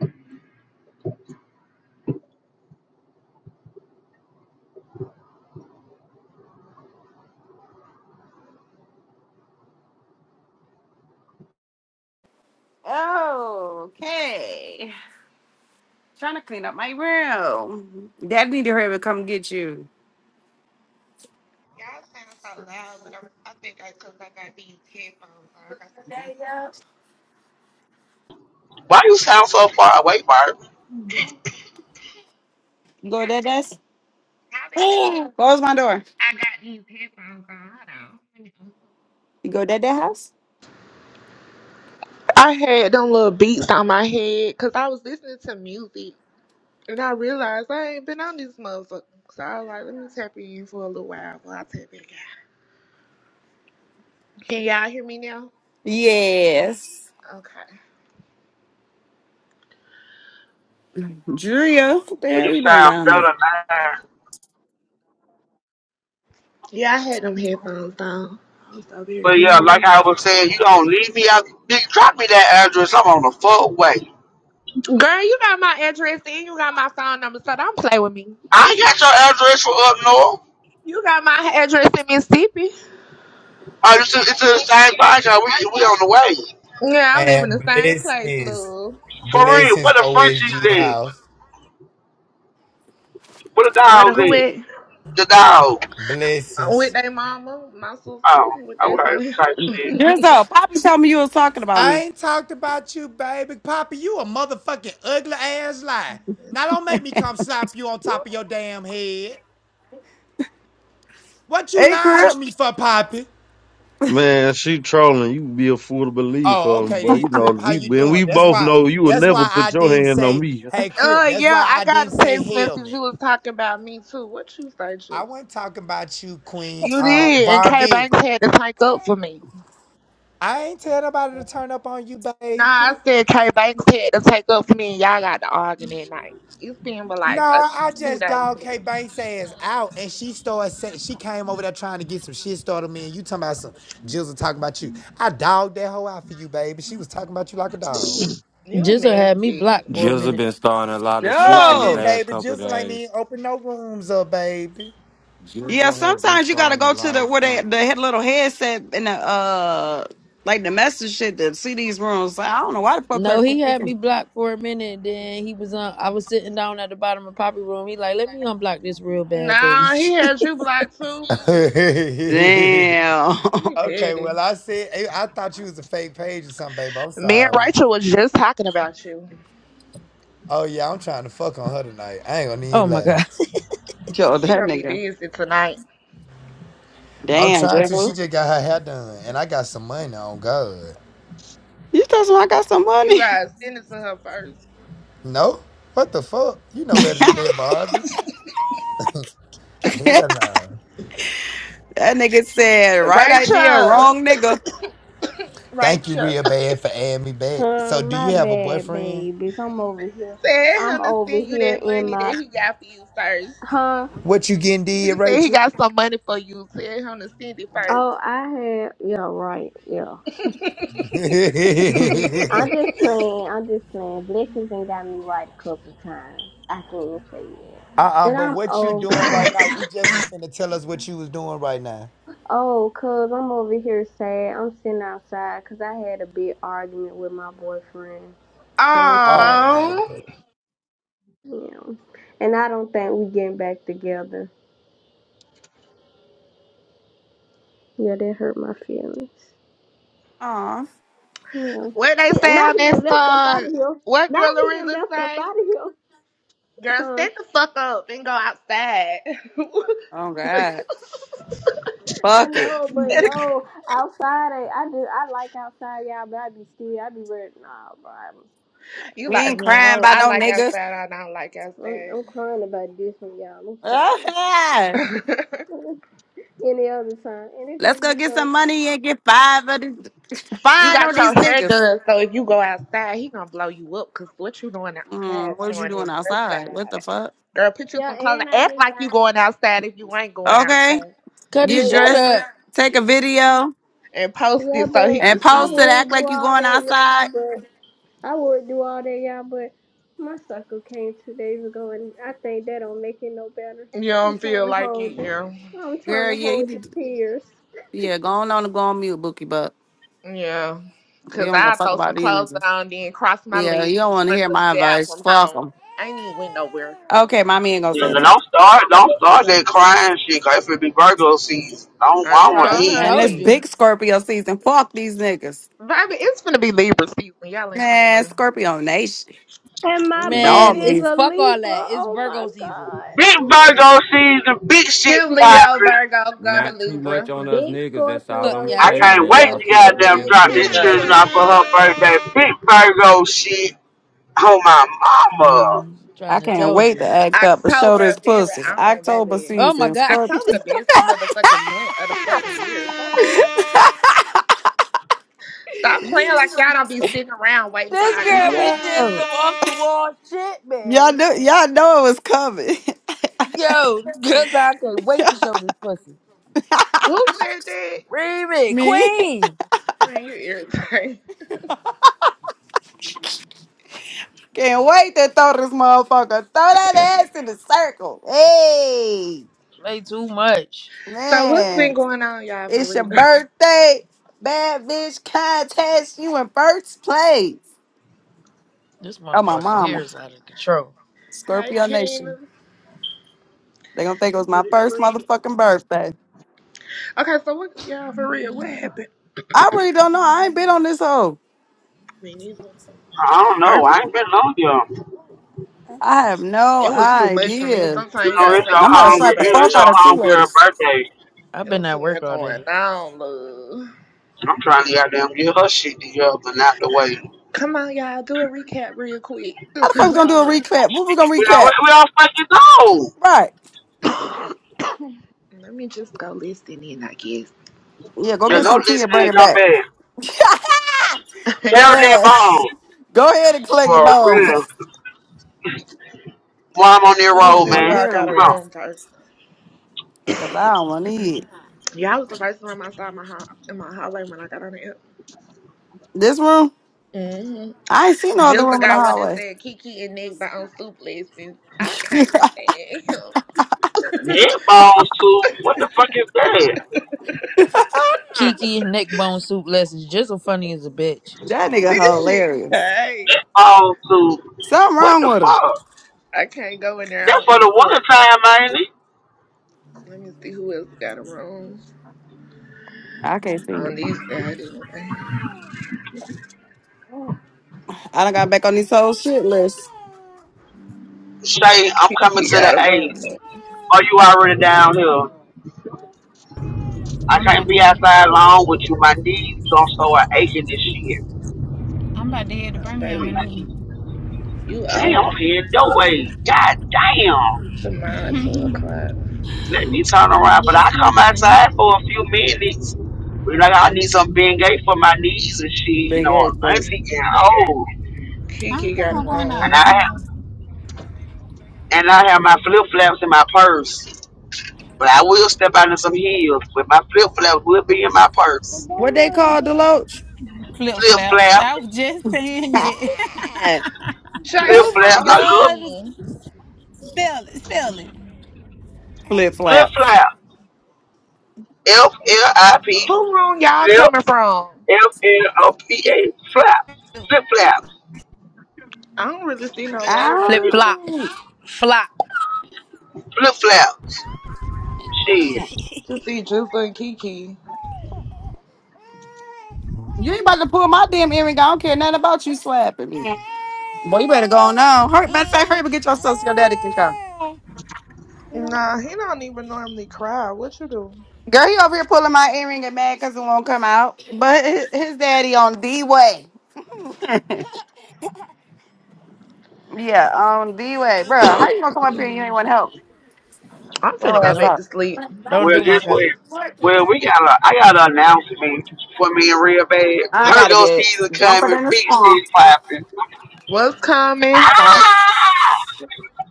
Speaker 1: Oh, okay. Trying to clean up my room. Dad need to hurry up and come get you.
Speaker 7: Y'all sound so loud, but I'm, I think I, cause I got these headphones on, I got some beats on.
Speaker 6: Why you sound so far away, Bart?
Speaker 1: Go, Dad.
Speaker 7: Probably,
Speaker 1: Dad.
Speaker 7: probably cause
Speaker 1: Close my door.
Speaker 7: I got these headphones on. Hold on. Let me
Speaker 1: You go to that house?
Speaker 7: I had them little beats on my head because I was listening to music. And I realized I ain't been on this motherfucker. So I was like, let me tap in for a little while before I tap back Can y'all hear me now?
Speaker 1: Yes.
Speaker 7: Okay.
Speaker 1: Julia, what the
Speaker 6: Yeah, you
Speaker 1: hell you doing
Speaker 6: sound
Speaker 1: down there?
Speaker 6: better now.
Speaker 7: Yeah, I had them headphones on. I was over here
Speaker 6: But yeah,
Speaker 7: cleaning
Speaker 6: like
Speaker 7: up.
Speaker 6: I was Saying you gonna leave me out. Bitch, drop me that address. I'm on the fuck way.
Speaker 7: Girl, you got my address and you got my phone number, so don't play with me.
Speaker 6: I ain't got your address for up north.
Speaker 7: You got my address in Mississippi.
Speaker 6: Oh, this is, it's in the same podcast. We, we on the way.
Speaker 7: Yeah, I live in the
Speaker 10: And
Speaker 7: same place,
Speaker 10: blessings.
Speaker 7: love.
Speaker 6: for real,
Speaker 10: Blessings,
Speaker 6: what the
Speaker 10: OSG
Speaker 6: Frenchies in?
Speaker 10: house.
Speaker 6: What the
Speaker 7: Where the
Speaker 6: dogs
Speaker 7: who
Speaker 6: in?
Speaker 7: at?
Speaker 6: The dog.
Speaker 7: Uh, With
Speaker 10: Blessings.
Speaker 7: their mama, my sister,
Speaker 6: Oh,
Speaker 7: with
Speaker 6: all
Speaker 7: their
Speaker 6: right, type shit.
Speaker 1: Drizzo, Poppy told me you was talking about
Speaker 10: I
Speaker 1: me.
Speaker 10: ain't talked about you, baby. Papa, you a motherfucking ugly ass lie. Now don't make me come slap you on top of your damn head. What you
Speaker 1: Hey,
Speaker 10: lying
Speaker 1: Crip.
Speaker 10: on me for, Poppy?
Speaker 3: Man, she trolling. You be a fool to believe
Speaker 10: Oh,
Speaker 3: her,
Speaker 10: okay
Speaker 3: but
Speaker 10: then,
Speaker 3: you know
Speaker 10: Crip. How
Speaker 3: we
Speaker 10: you
Speaker 3: and we
Speaker 10: doing? That's
Speaker 3: both
Speaker 10: why
Speaker 3: know you would
Speaker 10: that's
Speaker 3: never
Speaker 10: why
Speaker 3: put
Speaker 10: I
Speaker 3: your
Speaker 10: didn't
Speaker 3: hand on
Speaker 10: say,
Speaker 3: me.
Speaker 10: hey
Speaker 7: Uh,
Speaker 10: Crip, that's
Speaker 7: yeah,
Speaker 10: why
Speaker 7: I
Speaker 10: I
Speaker 7: got
Speaker 10: didn't
Speaker 7: a
Speaker 10: say
Speaker 7: text message. You
Speaker 10: helmet.
Speaker 7: was talking about me too. What you say,
Speaker 10: I wasn't talking about you, Queen.
Speaker 7: You
Speaker 10: Uh
Speaker 7: did, and K
Speaker 10: Barbie.
Speaker 7: Banks had to take up for me.
Speaker 10: I ain't tell nobody to turn up on you,
Speaker 7: Nah, I
Speaker 10: baby.
Speaker 7: said K Banks had to take up for me, and y'all got to argue that night. It's been but
Speaker 10: No,
Speaker 7: like a,
Speaker 10: I
Speaker 7: two
Speaker 10: just
Speaker 7: days
Speaker 10: dog
Speaker 7: ago.
Speaker 10: K Banks ass out, and she started saying she came over there trying to get some shit started. Me and you talking about some Jills and talking about you. I dogged that hoe out for you, baby. She was talking about you like a dog.
Speaker 7: You
Speaker 9: Jizzle had me
Speaker 7: messy.
Speaker 9: blocked for a
Speaker 2: Jizza
Speaker 9: minute.
Speaker 2: been starting a lot of
Speaker 10: No,
Speaker 2: shit
Speaker 10: I
Speaker 2: these
Speaker 10: didn't,
Speaker 1: No.
Speaker 2: last
Speaker 10: baby.
Speaker 2: couple of
Speaker 10: Jills ain't
Speaker 2: days.
Speaker 10: even open no rooms up, baby.
Speaker 1: Yeah,
Speaker 2: Jizza has been
Speaker 1: sometimes you gotta
Speaker 2: starting a
Speaker 1: go to
Speaker 2: lot
Speaker 1: the
Speaker 2: of
Speaker 1: where they
Speaker 2: shit.
Speaker 1: the head, little headset and the uh like the message shit to see these rooms. I don't know why the fuck
Speaker 9: No,
Speaker 1: that
Speaker 9: he had me blocked for a minute. Then he was on. I was sitting down at the bottom of Poppy room. He like, let me unblock this real bad page.
Speaker 10: okay,
Speaker 1: Damn.
Speaker 7: You
Speaker 10: well I said I I thought you was a fake page or something, baby. I'm
Speaker 7: messy.
Speaker 10: sorry. Oh yeah, I'm trying to fuck on her tonight. I ain't gonna
Speaker 9: oh
Speaker 10: even
Speaker 9: my
Speaker 10: lie.
Speaker 9: god.
Speaker 1: Yo,
Speaker 7: She,
Speaker 1: that nigga.
Speaker 10: I'm
Speaker 1: Damn,
Speaker 10: trying to. She
Speaker 1: Drizzo.
Speaker 10: just got her hair done, and I got some money on God.
Speaker 1: You told me I got some
Speaker 7: you
Speaker 1: money.
Speaker 7: guys send it to her first.
Speaker 10: No? What the fuck? You know better than that, Barbie.
Speaker 1: that
Speaker 10: Hell no.
Speaker 1: nigga said right idea,
Speaker 7: Rachel,
Speaker 1: wrong nigga.
Speaker 10: Thank you
Speaker 7: Rachel,
Speaker 10: real bad for adding me back.
Speaker 8: Huh,
Speaker 10: So do
Speaker 8: my
Speaker 10: you have a
Speaker 8: bad,
Speaker 10: boyfriend?
Speaker 8: babies. I'm over here.
Speaker 7: tell
Speaker 8: I'm
Speaker 7: him to
Speaker 8: over
Speaker 7: send you
Speaker 8: here
Speaker 7: that
Speaker 8: in
Speaker 7: money that
Speaker 8: my,
Speaker 7: he got for you first.
Speaker 8: huh?
Speaker 10: What you getting
Speaker 7: He
Speaker 10: did,
Speaker 7: said he
Speaker 10: Rachel?
Speaker 7: got some money for you. Tell him to send it first.
Speaker 8: Oh, I had, yeah, right, yeah. I'm just playing. I'm just playing. Blessings and got me right a couple of times. I can't even say yet.
Speaker 10: uh-uh,
Speaker 8: But
Speaker 10: but
Speaker 8: I'm
Speaker 10: what you
Speaker 8: old.
Speaker 10: doing right now, you just was finna tell us what you was doing right now.
Speaker 8: Oh, cuz I'm over here sad. I'm sitting outside because I had a big argument with my boyfriend. So I'm sad
Speaker 10: Oh
Speaker 8: about
Speaker 10: man.
Speaker 7: Um,
Speaker 8: it. Yeah. And I don't think we getting back together. Yeah, that hurt my feelings.
Speaker 1: Aw.
Speaker 8: Yeah.
Speaker 7: what they
Speaker 8: He,
Speaker 7: say
Speaker 8: now
Speaker 7: on
Speaker 8: he done
Speaker 7: that
Speaker 8: left up out
Speaker 7: song?
Speaker 8: of here.
Speaker 7: What
Speaker 8: Now
Speaker 7: Drilla
Speaker 8: he done
Speaker 7: really
Speaker 8: left up
Speaker 7: say?
Speaker 8: out of here.
Speaker 7: Girl,
Speaker 8: Huh?
Speaker 7: stand the fuck up and go outside.
Speaker 1: Oh god.
Speaker 8: I
Speaker 1: Fuck it.
Speaker 8: know, but no, outside I, I do I like outside, y'all, but I be still I be ready. Nah, bro, I'm like
Speaker 7: you
Speaker 1: We
Speaker 7: like
Speaker 1: ain't
Speaker 7: me. I,
Speaker 1: crying
Speaker 7: don't,
Speaker 1: by
Speaker 7: I
Speaker 1: no
Speaker 7: like
Speaker 1: niggas.
Speaker 7: outside. I don't like
Speaker 8: I'm,
Speaker 7: outside.
Speaker 8: I'm crying about this one, y'all. I'm
Speaker 1: Oh,
Speaker 8: sorry.
Speaker 1: yeah.
Speaker 8: Any other time, and it's
Speaker 1: Let's
Speaker 8: just
Speaker 1: go get
Speaker 8: because
Speaker 1: some money and get five of these
Speaker 7: you
Speaker 1: fine
Speaker 8: it's
Speaker 1: on
Speaker 7: got
Speaker 8: just
Speaker 7: your
Speaker 1: these
Speaker 7: hair
Speaker 1: niggas.
Speaker 7: done, so if you go outside, he gonna blow you up. Cause what you doing outside
Speaker 1: Mm, what you
Speaker 7: showing
Speaker 1: doing
Speaker 7: his hair
Speaker 1: outside? What the
Speaker 7: side.
Speaker 1: fuck?
Speaker 7: Girl, put you
Speaker 8: yeah,
Speaker 7: some clothes.
Speaker 8: and I
Speaker 7: Act
Speaker 8: just
Speaker 7: like you
Speaker 8: got,
Speaker 7: going outside if you ain't going
Speaker 1: Okay.
Speaker 7: outside,
Speaker 9: Cuddy,
Speaker 1: You
Speaker 8: but
Speaker 9: shut
Speaker 1: dress,
Speaker 8: yeah,
Speaker 9: up.
Speaker 1: take a video,
Speaker 7: and post
Speaker 8: yeah,
Speaker 7: it so he
Speaker 8: but
Speaker 7: can
Speaker 1: and
Speaker 8: I
Speaker 1: post it,
Speaker 7: see.
Speaker 8: would
Speaker 1: act
Speaker 8: do
Speaker 1: like you
Speaker 8: all
Speaker 1: going
Speaker 8: that, y'all,
Speaker 1: outside.
Speaker 8: but I would do all that, y'all, but my sucker came two days ago, and I think that don't make it no better.
Speaker 7: it. You
Speaker 8: I'm
Speaker 7: don't
Speaker 8: trying
Speaker 7: feel
Speaker 8: to
Speaker 7: like
Speaker 8: hold
Speaker 7: it,
Speaker 8: this.
Speaker 7: yeah.
Speaker 8: I'm trying
Speaker 1: Girl,
Speaker 8: to
Speaker 1: yeah, you
Speaker 8: hold the
Speaker 1: did
Speaker 8: tears.
Speaker 1: yeah, go on, on and go on mute, Bookie Buck.
Speaker 7: Yeah.
Speaker 1: We
Speaker 7: Cause
Speaker 1: don't go
Speaker 7: I
Speaker 1: fuck
Speaker 7: throw some
Speaker 1: about these
Speaker 7: clothes
Speaker 1: niggas.
Speaker 7: on, then cross my
Speaker 1: Yeah,
Speaker 7: legs
Speaker 1: you don't
Speaker 7: and
Speaker 1: want to
Speaker 7: stress
Speaker 1: hear
Speaker 7: the
Speaker 1: my
Speaker 7: nigga out
Speaker 1: advice.
Speaker 7: from
Speaker 1: Fuck
Speaker 7: home.
Speaker 1: them.
Speaker 7: I ain't even went nowhere.
Speaker 1: Okay, mommy ain't gonna
Speaker 6: Yeah,
Speaker 1: say
Speaker 6: but
Speaker 1: that.
Speaker 6: don't start, don't start that crying shit, cause if it be Virgo season, I don't,
Speaker 7: I
Speaker 6: I
Speaker 9: I'm
Speaker 6: don't want to
Speaker 9: trying
Speaker 7: told
Speaker 9: to
Speaker 7: her
Speaker 6: hear.
Speaker 7: that.
Speaker 1: And this
Speaker 9: told you,
Speaker 1: big Scorpio season. Fuck these niggas.
Speaker 7: Baby, it's gonna be Libra season. Y'all ain't something
Speaker 1: Man,
Speaker 7: new.
Speaker 1: Scorpio Nation.
Speaker 8: And my boo
Speaker 1: Dog
Speaker 9: man.
Speaker 8: is
Speaker 9: It's
Speaker 1: needs.
Speaker 8: a
Speaker 9: fuck all that.
Speaker 8: Libra.
Speaker 9: It's
Speaker 8: Oh my
Speaker 9: Virgo season.
Speaker 6: Big
Speaker 8: God.
Speaker 6: Virgo season, big shit
Speaker 7: Give Leo
Speaker 6: popping.
Speaker 7: Virgo go to
Speaker 2: Not too much
Speaker 7: Libra.
Speaker 2: on us
Speaker 8: Big
Speaker 2: niggas, that's all
Speaker 9: Fuck
Speaker 2: I'ma
Speaker 8: Scorpio,
Speaker 9: y'all
Speaker 6: I
Speaker 2: say.
Speaker 8: big
Speaker 9: talking
Speaker 2: Now
Speaker 6: can't wait
Speaker 9: about.
Speaker 7: Real
Speaker 2: y'all
Speaker 6: to
Speaker 2: keep
Speaker 7: nigga
Speaker 2: it
Speaker 6: goddamn
Speaker 2: within
Speaker 8: Scorpio,
Speaker 7: season,
Speaker 2: the
Speaker 6: drop
Speaker 8: big
Speaker 6: this
Speaker 2: female
Speaker 7: baby.
Speaker 6: children
Speaker 2: shit.
Speaker 6: off for
Speaker 8: Scorpio.
Speaker 6: her birthday. Big Virgo shit. Oh my mama.
Speaker 9: I'm
Speaker 1: I
Speaker 9: trying to
Speaker 1: can't
Speaker 9: told
Speaker 1: wait to
Speaker 9: you.
Speaker 1: act up and show this
Speaker 7: October very
Speaker 1: pussy.
Speaker 7: on,
Speaker 1: October
Speaker 7: baby.
Speaker 9: Oh my
Speaker 1: season.
Speaker 9: god.
Speaker 1: Start.
Speaker 7: October the
Speaker 9: the
Speaker 7: best
Speaker 9: fuck.
Speaker 7: motherfucking month of the fucking year. Stop playing. Stop playing like y'all don't be sitting around waiting for
Speaker 9: This
Speaker 7: October
Speaker 9: girl
Speaker 7: to
Speaker 9: be
Speaker 1: Yeah.
Speaker 9: saying some off the
Speaker 7: come.
Speaker 9: wall shit,
Speaker 1: Y'all
Speaker 9: man.
Speaker 1: know, y'all know it was coming.
Speaker 9: Yo, cause I can't wait to show this pussy.
Speaker 7: Who said that?
Speaker 9: Remy,
Speaker 1: Me.
Speaker 9: Queen.
Speaker 7: When you irritating.
Speaker 1: Can't wait to throw this motherfucker. Throw that ass in the circle. Hey.
Speaker 9: Play too much.
Speaker 7: So what's been
Speaker 1: Man.
Speaker 7: going on, y'all, for
Speaker 1: It's your
Speaker 7: real?
Speaker 1: birthday. Bad bitch contest. You in first place.
Speaker 9: This
Speaker 1: Oh, my
Speaker 9: motherfucker here
Speaker 1: mama.
Speaker 9: is out of control.
Speaker 7: Hi,
Speaker 1: Scorpio
Speaker 7: Kena.
Speaker 1: Nation. They gonna think it was my
Speaker 7: Free,
Speaker 1: first
Speaker 7: free.
Speaker 1: motherfucking birthday.
Speaker 7: Okay, so what, y'all, for real? What happened?
Speaker 1: I really don't know. I ain't been on this hoe.
Speaker 7: Me neither.
Speaker 6: I don't know. I
Speaker 7: Purpose.
Speaker 6: ain't been on them.
Speaker 1: I have no
Speaker 7: It was too much for me.
Speaker 1: idea.
Speaker 6: You
Speaker 7: Sometimes you
Speaker 6: know,
Speaker 7: gotta
Speaker 6: it's your
Speaker 7: take
Speaker 1: And
Speaker 7: a
Speaker 1: I'm about to
Speaker 7: break,
Speaker 1: slap
Speaker 6: homegirl.
Speaker 1: the
Speaker 6: You know,
Speaker 1: fuck
Speaker 6: it's
Speaker 1: out
Speaker 7: baby.
Speaker 1: of tea
Speaker 6: your homegirl
Speaker 1: ladies.
Speaker 6: birthday.
Speaker 9: I've
Speaker 7: It
Speaker 9: been
Speaker 7: was
Speaker 9: at
Speaker 7: too much
Speaker 9: work all day.
Speaker 7: going on, love.
Speaker 6: I'm trying to goddamn get her shit together and out the way.
Speaker 7: Come on, y'all, do a recap real quick.
Speaker 1: How the fuck we gonna do
Speaker 7: oh
Speaker 1: a
Speaker 7: my
Speaker 1: recap? What we gonna
Speaker 6: You know, we,
Speaker 1: recap?
Speaker 6: we all fucking go.
Speaker 1: Right.
Speaker 7: god. Let me just go listen in, I guess.
Speaker 1: Yeah, go
Speaker 7: Ain't
Speaker 6: Just
Speaker 1: get
Speaker 7: no,
Speaker 6: go
Speaker 1: some tea
Speaker 6: listen
Speaker 1: and bring
Speaker 6: and
Speaker 1: it
Speaker 6: come
Speaker 1: back.
Speaker 6: back.
Speaker 7: ain't
Speaker 1: Dead
Speaker 6: Carol
Speaker 7: nobody.
Speaker 6: that
Speaker 1: ass.
Speaker 6: bone.
Speaker 1: Go ahead and collect
Speaker 6: For
Speaker 1: the
Speaker 6: real.
Speaker 1: bones.
Speaker 6: While I'm on that
Speaker 7: Let
Speaker 1: I
Speaker 7: me
Speaker 1: don't
Speaker 6: road,
Speaker 7: see
Speaker 1: want
Speaker 7: who
Speaker 1: to
Speaker 6: man.
Speaker 7: I
Speaker 1: hear
Speaker 7: got
Speaker 1: them
Speaker 7: a
Speaker 6: Come on.
Speaker 1: bitches.
Speaker 7: room first.
Speaker 1: Cause I don't want to eat.
Speaker 7: Y'all was the first room I saw in my hall, in my hallway when I got on the air.
Speaker 1: This room?
Speaker 7: hmm
Speaker 1: I ain't seen no other
Speaker 7: Just the
Speaker 1: room in the
Speaker 7: guy when to
Speaker 1: hallway.
Speaker 7: say Kiki and Nick by on soup lessons. I can't
Speaker 1: that
Speaker 7: stand him.
Speaker 6: Netball too. What the fuck is that?
Speaker 9: Kiki neck bone soup lessons. Jizzle funny as a bitch.
Speaker 1: nigga
Speaker 7: this shit
Speaker 1: hilarious.
Speaker 7: crazy.
Speaker 6: Netball too.
Speaker 1: Something
Speaker 6: What
Speaker 1: wrong
Speaker 6: the
Speaker 1: with him.
Speaker 6: fuck?
Speaker 7: I can't go in there.
Speaker 6: That's
Speaker 7: I don't
Speaker 6: for the
Speaker 7: eat
Speaker 6: winter
Speaker 7: pork.
Speaker 6: time, ain't it?
Speaker 7: Let me see who else got a room.
Speaker 1: I can't see
Speaker 7: On
Speaker 1: it.
Speaker 7: these side anyway.
Speaker 1: I done got back on these whole shit list.
Speaker 6: Shay, I'm coming
Speaker 7: Kiki
Speaker 6: to the
Speaker 7: got a
Speaker 6: A.
Speaker 7: room.
Speaker 6: Are you already down here? I
Speaker 11: I'm about
Speaker 6: can't
Speaker 11: to
Speaker 6: be
Speaker 11: be,
Speaker 6: outside long with you. My knees don't so are aching this
Speaker 11: I'm about to head to
Speaker 7: Oh,
Speaker 11: Birmingham in a
Speaker 7: baby,
Speaker 11: minute.
Speaker 6: shit.
Speaker 7: you
Speaker 6: Damn,
Speaker 7: old huh?
Speaker 6: I'm heading your way. God damn.
Speaker 7: tomorrow two o'clock.
Speaker 6: Let me turn around. But
Speaker 11: Yes,
Speaker 6: I come
Speaker 11: ma'am.
Speaker 6: outside for a few minutes. We like, I need some Bengay for my knees and shit. You
Speaker 1: Big
Speaker 6: know,
Speaker 1: ass thing.
Speaker 6: auntie getting old.
Speaker 11: I
Speaker 7: Kiki
Speaker 11: don't think I'm
Speaker 7: got a
Speaker 11: going
Speaker 6: And
Speaker 11: out.
Speaker 7: room.
Speaker 6: I have,
Speaker 11: You
Speaker 6: and I have my flip flops in my purse. But I will step out in some heels. But my flip flops will be in my purse.
Speaker 1: What they call
Speaker 11: know,
Speaker 1: Deloach?
Speaker 11: flip
Speaker 6: Flip
Speaker 11: flaps.
Speaker 6: flap,
Speaker 11: I was just saying that.
Speaker 7: Shay,
Speaker 6: flip
Speaker 7: who
Speaker 6: flap.
Speaker 7: room
Speaker 6: I
Speaker 7: you was
Speaker 6: love
Speaker 7: in?
Speaker 11: Good. Spell it. Spell it.
Speaker 1: Flip
Speaker 6: flip
Speaker 1: flaps.
Speaker 6: flap. F L I P
Speaker 7: Who room y'all
Speaker 6: flip,
Speaker 7: coming from?
Speaker 6: F L O P A, flap, flip flap,
Speaker 7: I don't really see no roads in the
Speaker 9: Flip
Speaker 1: Ow.
Speaker 7: house.
Speaker 9: flop, flop.
Speaker 6: flip flap. Shit.
Speaker 7: To see Juice and Kiki.
Speaker 1: You ain't about to pull my damn earring. I don't care nothing about you slapping me. Boy, you better go on now. Hurry, matter of fact, hurry up and get your sister. Your daddy can come.
Speaker 7: Nah, he don't even normally cry. What you do?
Speaker 1: Girl, he over here pulling my earring and mad because it won't come out. But his, his daddy on D way. Yeah, on D way. Bruh, how you gonna come up here and you ain't want to help?
Speaker 7: I'm finna
Speaker 1: Your
Speaker 7: go
Speaker 1: ass
Speaker 9: Don't
Speaker 7: back to
Speaker 1: up.
Speaker 7: sleep.
Speaker 9: don't
Speaker 6: Well,
Speaker 9: do my
Speaker 6: just wait.
Speaker 9: cousin.
Speaker 6: Well, we got a, I got an announcement for me and Real Bad.
Speaker 1: I gotta
Speaker 6: Virgo
Speaker 1: get
Speaker 6: season
Speaker 1: jumper
Speaker 6: coming.
Speaker 1: than the
Speaker 6: Big
Speaker 1: skunk.
Speaker 6: shit popping.
Speaker 7: What's coming?
Speaker 1: I thought,
Speaker 6: Ah!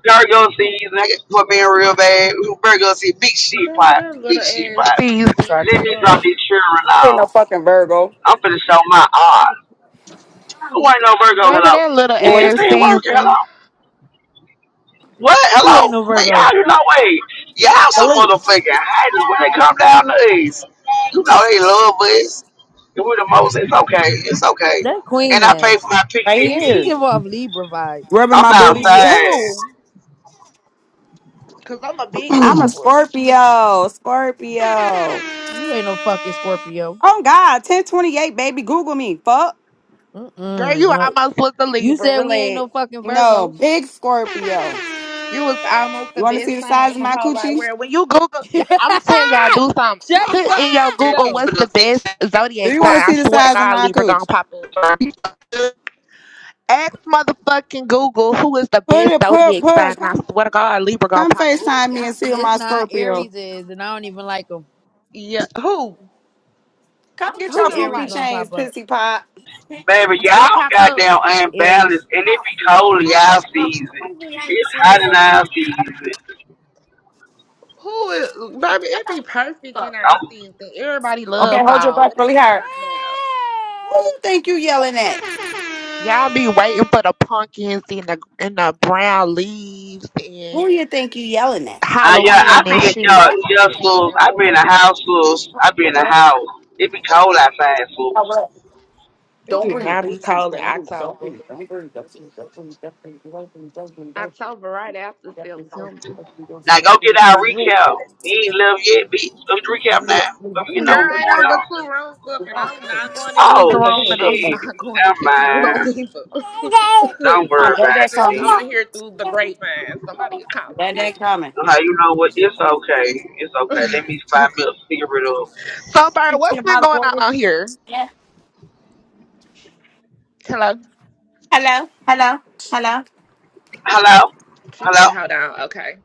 Speaker 6: Virgo season I got for me and Real Bad. Virgo season. Big
Speaker 7: Baby,
Speaker 6: shit popping.
Speaker 7: that little
Speaker 6: Big shit
Speaker 7: ass
Speaker 6: popping.
Speaker 7: season.
Speaker 9: Try to- do
Speaker 6: Let me drop
Speaker 9: her.
Speaker 6: these children
Speaker 1: I being no
Speaker 6: out.
Speaker 1: fucking Virgo.
Speaker 6: I'm finna show my art. Who ain't no Virgo?
Speaker 7: Baby,
Speaker 6: Hello.
Speaker 7: that little
Speaker 6: If this
Speaker 1: Malik.
Speaker 7: ass
Speaker 6: ain't working, hello.
Speaker 7: season.
Speaker 6: What?
Speaker 9: Who ain't
Speaker 6: Hello?
Speaker 9: no
Speaker 6: Man, y'all,
Speaker 9: Virgo?
Speaker 6: you know, wait. Y'all some
Speaker 1: Malik.
Speaker 6: motherfucking haters when they come down to these. You know they love us. And we the most. It's okay. It's okay.
Speaker 9: That Queen
Speaker 6: And I pay
Speaker 9: ass.
Speaker 6: for my
Speaker 1: Right
Speaker 6: picnic
Speaker 9: She she
Speaker 1: here.
Speaker 6: fee.
Speaker 9: give off Libra vibes.
Speaker 1: Rubbing
Speaker 6: I'm
Speaker 1: my
Speaker 6: not
Speaker 1: booty.
Speaker 7: Yeah,
Speaker 6: sad.
Speaker 7: who? Cause I'm a big
Speaker 1: I'm a
Speaker 7: Libra.
Speaker 1: Scorpio. Scorpio.
Speaker 9: You ain't no fucking Scorpio.
Speaker 1: Oh God, 1028, baby. Google me. Fuck.
Speaker 9: Mm
Speaker 7: Girl, you
Speaker 9: mm.
Speaker 7: almost was a
Speaker 9: You
Speaker 7: Libra.
Speaker 9: said we ain't
Speaker 7: Relax.
Speaker 9: no fucking
Speaker 1: No,
Speaker 9: Virgos.
Speaker 1: big Scorpio.
Speaker 7: You was almost
Speaker 1: You
Speaker 7: the
Speaker 1: want to
Speaker 7: best
Speaker 1: see the
Speaker 7: thing
Speaker 1: size
Speaker 7: in
Speaker 1: of
Speaker 7: the
Speaker 1: my
Speaker 7: whole right
Speaker 1: coochie?
Speaker 7: world. When you Google, yeah,
Speaker 9: Shut
Speaker 7: I'm gonna tell y'all do something.
Speaker 9: the
Speaker 7: Put
Speaker 9: fuck.
Speaker 7: in your Google
Speaker 9: Yo,
Speaker 6: For
Speaker 7: what's the
Speaker 6: the six-
Speaker 7: best
Speaker 1: Do
Speaker 7: zodiac
Speaker 1: you want to
Speaker 7: sign. I
Speaker 1: see the
Speaker 7: swear to
Speaker 1: size of
Speaker 7: God,
Speaker 1: my
Speaker 7: Libra gonna
Speaker 1: coochie?
Speaker 7: pop up. Ask motherfucking Google who is the
Speaker 1: Put
Speaker 7: best
Speaker 1: it, put,
Speaker 7: zodiac
Speaker 1: put.
Speaker 7: sign. and I
Speaker 1: Come,
Speaker 7: swear to God, Libra gonna
Speaker 1: come
Speaker 7: pop up.
Speaker 1: FaceTime me
Speaker 7: Y'all
Speaker 1: and see
Speaker 7: crazy.
Speaker 9: it's
Speaker 1: my
Speaker 9: not.
Speaker 1: Scorpio.
Speaker 9: Aries is, and I don't even like them.
Speaker 7: Yeah, who?
Speaker 1: Come get
Speaker 7: Who you
Speaker 1: your
Speaker 7: don't
Speaker 1: pee
Speaker 9: Aries
Speaker 1: pee
Speaker 7: like?
Speaker 9: gonna
Speaker 1: chains,
Speaker 9: pop up.
Speaker 1: pissy pot.
Speaker 6: Baby,
Speaker 7: What
Speaker 6: y'all
Speaker 7: popped up?
Speaker 6: goddamn
Speaker 9: Aries.
Speaker 6: unbalanced. And it be cold in y'all season. It's hot in our season.
Speaker 7: Who is? Baby, it be perfect in our
Speaker 6: I'm,
Speaker 7: season. Everybody
Speaker 1: Okay,
Speaker 7: love
Speaker 1: hold your
Speaker 7: fall.
Speaker 1: butt
Speaker 7: What is
Speaker 1: really
Speaker 7: you
Speaker 1: hard.
Speaker 7: talking about?
Speaker 1: Who you think you yelling at?
Speaker 7: Y'all be waiting for the pumpkins and the and the brown leaves and
Speaker 1: Who you think you yelling at?
Speaker 6: I, yeah, I
Speaker 7: Halloween and
Speaker 6: be at y'all,
Speaker 7: shit. Stop
Speaker 6: y'all
Speaker 7: playing
Speaker 6: schools.
Speaker 7: around
Speaker 6: I be in
Speaker 7: here.
Speaker 6: the house schools. I be in the house. It be cold outside, fools.
Speaker 7: It
Speaker 1: Don't.
Speaker 7: do not be cold in October. October right after September.
Speaker 6: Now go get our recap. We ain't live yet, bitch. Let's recap now. Let me get know
Speaker 7: Girl,
Speaker 6: what's
Speaker 7: I
Speaker 6: going
Speaker 7: know, but
Speaker 6: on.
Speaker 7: two rooms up, and I'm not going to use the
Speaker 6: Oh
Speaker 7: room, and I'm
Speaker 6: shit.
Speaker 7: not going
Speaker 6: Never
Speaker 7: to Kiki room
Speaker 6: mind.
Speaker 7: either.
Speaker 6: Don't
Speaker 7: so
Speaker 6: worry
Speaker 7: I
Speaker 6: about
Speaker 7: guess
Speaker 6: it,
Speaker 7: I'm
Speaker 6: dude.
Speaker 7: here through the grapevine. Somebody could call and
Speaker 1: That
Speaker 7: see
Speaker 1: ain't coming.
Speaker 6: Now you know what? It's okay. It's okay. Let me
Speaker 7: me.
Speaker 6: find me a cigarette up.
Speaker 7: so, Bird, what's been going on out here? Hello.
Speaker 1: Hello, hello, hello,
Speaker 6: Hello?
Speaker 7: She said,
Speaker 6: Hello?
Speaker 7: "Hold on, okay."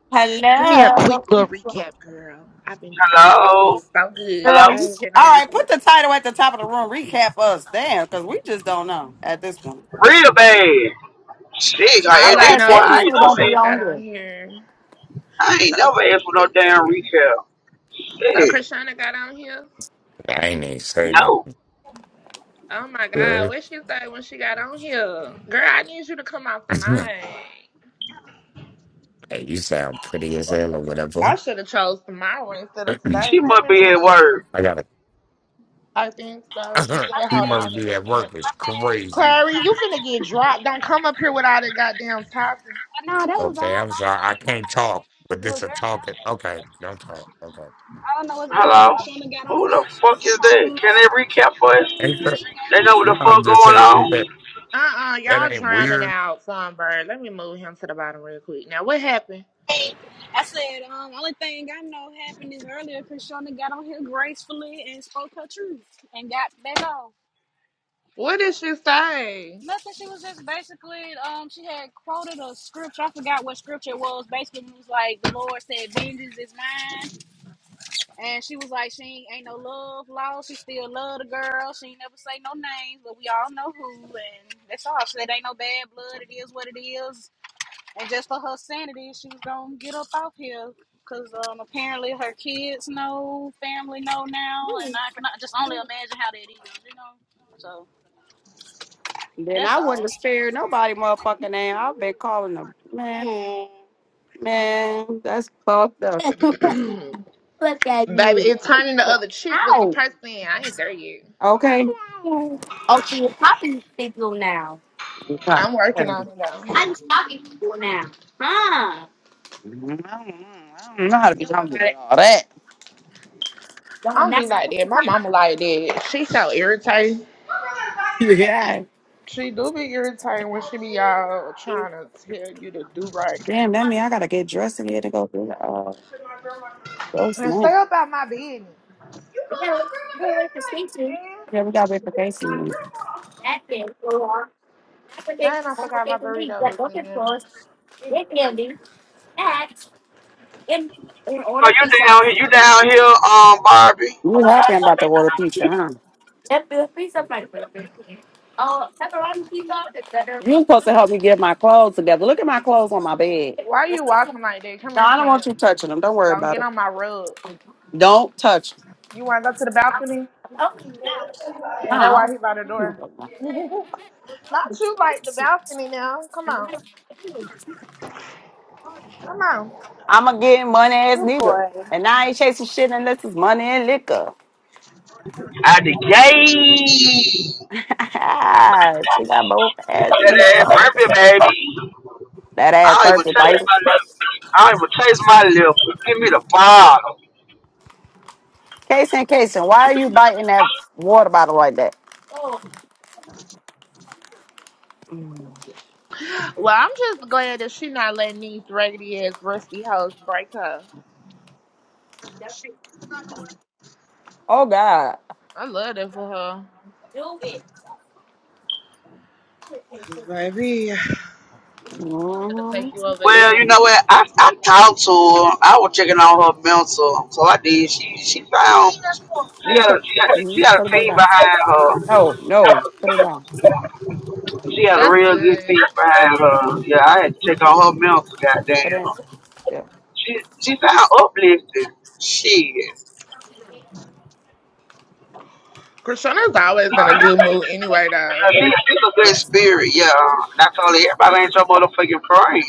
Speaker 7: Give me a quick little
Speaker 1: hello.
Speaker 7: recap, girl. I've been, I, I did
Speaker 6: Hello?
Speaker 7: so good. I
Speaker 6: Hello?
Speaker 7: ain't been
Speaker 1: All
Speaker 7: on this
Speaker 1: right, put
Speaker 7: stuff.
Speaker 1: the title at the top of the room. Recap us, damn, because we just don't know at this point.
Speaker 6: Real bad. Shit, like,
Speaker 7: All
Speaker 6: at
Speaker 7: I
Speaker 6: this
Speaker 7: know
Speaker 6: point I
Speaker 7: is
Speaker 6: ain't know
Speaker 7: Krishana got on here
Speaker 6: I ain't
Speaker 7: so
Speaker 6: never asked for no
Speaker 7: gracefully
Speaker 6: damn
Speaker 7: earlier.
Speaker 6: recap.
Speaker 7: So
Speaker 6: Shit.
Speaker 7: Krishana got on here.
Speaker 12: I ain't even say nothing,
Speaker 6: No.
Speaker 7: Oh my God,
Speaker 12: girl.
Speaker 7: what she say when she got on here? Girl, I need you to come off the mic.
Speaker 12: hey, you sound pretty as hell or
Speaker 7: I
Speaker 12: whatever.
Speaker 7: should have chose tomorrow instead of
Speaker 12: I
Speaker 7: today.
Speaker 6: She
Speaker 7: Come
Speaker 6: must
Speaker 7: here,
Speaker 6: be at
Speaker 7: chance.
Speaker 6: work.
Speaker 12: gotta.
Speaker 7: I think so. She said,
Speaker 12: she
Speaker 7: hold on
Speaker 12: must
Speaker 7: in the
Speaker 12: be at work. It's
Speaker 7: comments.
Speaker 12: crazy.
Speaker 7: Clary,
Speaker 13: so
Speaker 7: you finna get dropped. Don't
Speaker 13: right
Speaker 7: come up here with all that goddamn talking.
Speaker 13: But no, that was all.
Speaker 12: Okay, I'm
Speaker 13: The
Speaker 12: sorry. I
Speaker 13: only
Speaker 12: can't
Speaker 13: thing
Speaker 12: talk, but
Speaker 13: I know that happened was
Speaker 12: this a
Speaker 13: earlier.
Speaker 12: talking. Okay, don't talk. Okay.
Speaker 13: All I know is earlier
Speaker 6: Hello?
Speaker 13: Krishna got on
Speaker 6: Who
Speaker 13: here.
Speaker 6: the
Speaker 13: She
Speaker 6: fuck is
Speaker 13: quoted a
Speaker 6: that?
Speaker 13: little
Speaker 6: Can they
Speaker 13: scripture.
Speaker 6: recap for us?
Speaker 12: Ain't
Speaker 13: And
Speaker 12: that,
Speaker 13: she
Speaker 6: They know what
Speaker 12: no,
Speaker 6: the
Speaker 12: I'm
Speaker 6: fuck
Speaker 12: just
Speaker 6: going
Speaker 12: saying. Ain't that,
Speaker 6: on?
Speaker 7: Uh-uh, y'all
Speaker 12: that ain't
Speaker 7: drowning
Speaker 12: weird.
Speaker 7: out, Sunbird. Let me move him to the bottom real quick. Now, what happened?
Speaker 13: gave her sign. I said, um, only thing I know happened is earlier Krishna got on here gracefully and spoke her truth and got back on.
Speaker 7: What did she say?
Speaker 13: Nothing. She was just basically, um, she had quoted a scripture. I forgot what scripture it was. Basically, it was like the Lord said, "Vengeance is mine." And she was like, she ain't, ain't no love lost. She still love the girl. She ain't never say no names, but we all know who. And that's all. She said ain't no bad blood. It is what it is. And just for her sanity, she was gonna get up off here. Cause um, apparently her kids know, family know now, and I cannot just only imagine how that is, you know. So
Speaker 1: Then
Speaker 13: that's
Speaker 1: I
Speaker 13: all.
Speaker 1: wouldn't spare nobody motherfucking name. I've been calling them, man, man, that's fucked up.
Speaker 7: Baby, it turning the other cheek was the person. I ain't there yet.
Speaker 1: Okay. I
Speaker 7: I'm working on it, though.
Speaker 1: don't know how to be humble with all that.
Speaker 7: I don't be like that. My mama like that. She so irritating.
Speaker 1: Yeah.
Speaker 7: She do be irritating when she be all trying to tell you to do right.
Speaker 1: Damn, that mean I gotta get dressed in here to go do the uh go
Speaker 7: And
Speaker 1: snack.
Speaker 7: stay up out my business. And
Speaker 1: Yeah, we gotta wait for Casey.
Speaker 7: dang, I forgot my burrito was in there.
Speaker 6: So you down here, you down here, um, Barbie.
Speaker 1: You happy I'm about to order pizza, huh? You supposed to help me get my clothes together. Look at my clothes on my bed.
Speaker 7: Why you walking like that? Come
Speaker 1: No,
Speaker 7: here,
Speaker 1: I don't
Speaker 7: champ.
Speaker 1: want you touching them. Don't worry
Speaker 7: Don't
Speaker 1: about
Speaker 7: get
Speaker 1: it.
Speaker 7: on my rug.
Speaker 1: Don't touch them.
Speaker 7: You want to go to the balcony?
Speaker 1: No,
Speaker 7: That's
Speaker 1: I
Speaker 7: why he by the door.
Speaker 1: don't.
Speaker 7: Not you like the balcony now. Come on. Come on.
Speaker 1: I'm a getting money ass
Speaker 7: Good
Speaker 1: nigga.
Speaker 7: boy.
Speaker 1: And I ain't chasing shit unless it's money and liquor.
Speaker 6: Out the gate.
Speaker 1: she got both ass feet
Speaker 6: That ass
Speaker 1: stomping.
Speaker 6: Barbie, baby.
Speaker 1: That ass
Speaker 6: I don't even
Speaker 1: perfect,
Speaker 6: chase
Speaker 1: baby.
Speaker 6: my lip. I don't even chase my lip. Give me the bottle.
Speaker 1: Case and case, why are you biting that water bottle like that?
Speaker 7: Well, I'm just glad that she not letting these raggedy ass rusty hoes break her.
Speaker 1: Oh, God.
Speaker 7: I love that for her. Cause baby, Gonna
Speaker 1: Mm-hmm.
Speaker 7: take you over
Speaker 6: Well,
Speaker 7: edge.
Speaker 6: you know what? I, I talked to her. I was checking on her mental. So I did. She she found
Speaker 1: You can
Speaker 6: had a
Speaker 1: put,
Speaker 6: she had
Speaker 1: hmm
Speaker 6: she had
Speaker 1: put
Speaker 6: a
Speaker 1: it back
Speaker 6: team
Speaker 1: down.
Speaker 6: behind her.
Speaker 1: No, no, put it down.
Speaker 6: She had a
Speaker 7: That's
Speaker 6: real good piece
Speaker 7: good.
Speaker 6: behind her. Yeah, I had to check on her mental.
Speaker 1: Put
Speaker 6: Goddamn,
Speaker 1: it yeah.
Speaker 6: she she sound uplifting. Shit, she,
Speaker 7: Krishna's always in a good mood anyway, though.
Speaker 6: she's a good spirit. Yeah, and I told her everybody ain't your motherfucking friend.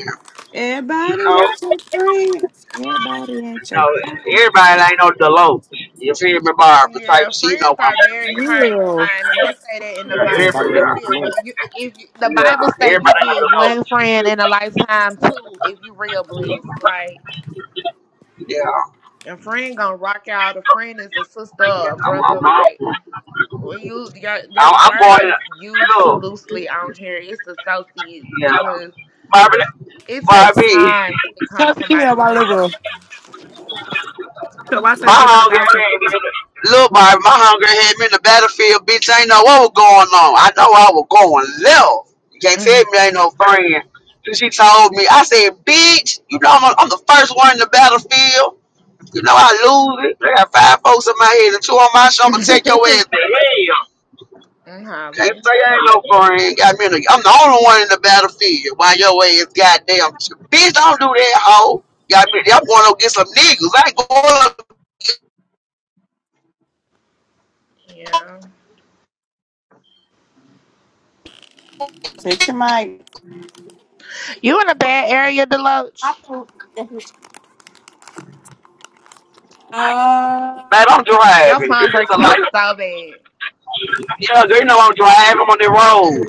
Speaker 6: You
Speaker 1: Everybody
Speaker 6: know,
Speaker 1: ain't your friends. Everybody
Speaker 6: you
Speaker 1: ain't your
Speaker 6: know,
Speaker 1: friends.
Speaker 6: everybody ain't no Deloach. You feel me, Barbara? Type
Speaker 7: Yeah,
Speaker 6: she you know
Speaker 7: friends
Speaker 6: what
Speaker 7: are
Speaker 6: I'm.
Speaker 7: very hard to
Speaker 1: Girl.
Speaker 7: find, and they say that in the
Speaker 6: Yeah, every,
Speaker 7: Bible.
Speaker 1: Everybody ain't
Speaker 7: You
Speaker 1: no
Speaker 6: yeah,
Speaker 7: get one.
Speaker 1: place.
Speaker 7: You, if you, the Bible
Speaker 6: yeah,
Speaker 7: say you
Speaker 6: everybody ain't
Speaker 7: get
Speaker 6: no
Speaker 7: one
Speaker 6: Deloach.
Speaker 7: friend in a lifetime too, if you real blessed. Like,
Speaker 6: Yeah,
Speaker 7: a friend gonna rock out. A friend is a sister, or a brother.
Speaker 6: I'm,
Speaker 7: Like, Well, you your that
Speaker 6: I'm
Speaker 7: word
Speaker 6: going.
Speaker 7: is used
Speaker 6: To,
Speaker 7: too
Speaker 6: look,
Speaker 7: loosely on here. It's associate
Speaker 6: yeah,
Speaker 7: because
Speaker 6: Barbie,
Speaker 7: it takes
Speaker 6: Barbie.
Speaker 7: time to become somebody's friend.
Speaker 1: Cover. So I
Speaker 6: My
Speaker 1: say, give
Speaker 6: hunger
Speaker 1: myself.
Speaker 6: had me. Look, my, my hunger had me in the battlefield, bitch. I ain't know what was going on. I know I was going left. You can't tell
Speaker 7: Mhm.
Speaker 6: me I ain't no friend. So she told me, I said, bitch, you know I'm, I'm the first one in the battlefield. You know I lose it. They got five folks in my head and two on my shoulder. Take your ass to hell.
Speaker 7: I'm
Speaker 6: Can't
Speaker 7: hollering.
Speaker 6: say I ain't no friend. Got me in the, I'm the only one in the battlefield. Why your ass goddamn. Bitch, don't do that, hoe. Got me. I'm going to get some niggas. I ain't going up
Speaker 7: Yeah.
Speaker 1: Fix your mic.
Speaker 7: You in a bad area, Deloach.
Speaker 1: Uh,
Speaker 6: Babe, I'm
Speaker 7: Your
Speaker 6: driving.
Speaker 7: phone
Speaker 6: It's a
Speaker 7: breaking up so bad.
Speaker 6: Yeah, girl, you know I'm driving. I'm on the road.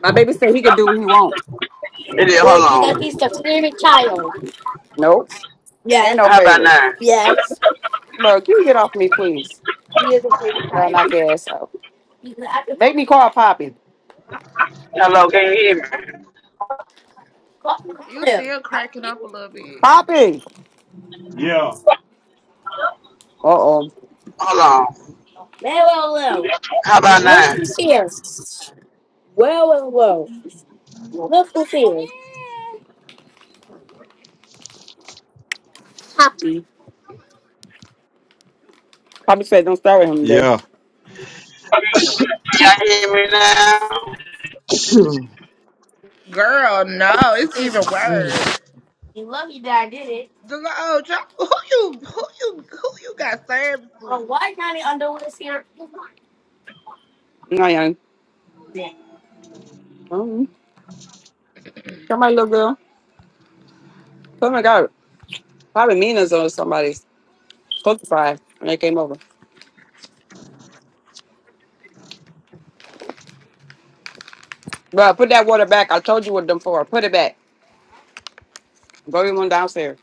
Speaker 1: My baby said he could do what he wants.
Speaker 6: It is. Hold on.
Speaker 1: Nope. Ain't no
Speaker 6: How about
Speaker 1: favorite.
Speaker 6: now?
Speaker 1: Bro, can you get off me, please? Girl, knock your ass out. Make me call Poppy.
Speaker 6: Hello, can you hear me?
Speaker 7: You still cracking up a little bit.
Speaker 1: Poppy! Uh oh.
Speaker 6: Hold on. How about now? Can
Speaker 1: Poppy said don't start with him today.
Speaker 3: Yeah,
Speaker 6: y'all hear me now?
Speaker 7: Girl, no, it's even worse. Deloach, who you who you who you got service with?
Speaker 1: No, young. Mm-hmm. Come on, little girl. Oh my god. Probably Mina's on somebody's cookie fry when they came over. Bro, put that water back. I told you what them for. Put it back. Go get one downstairs.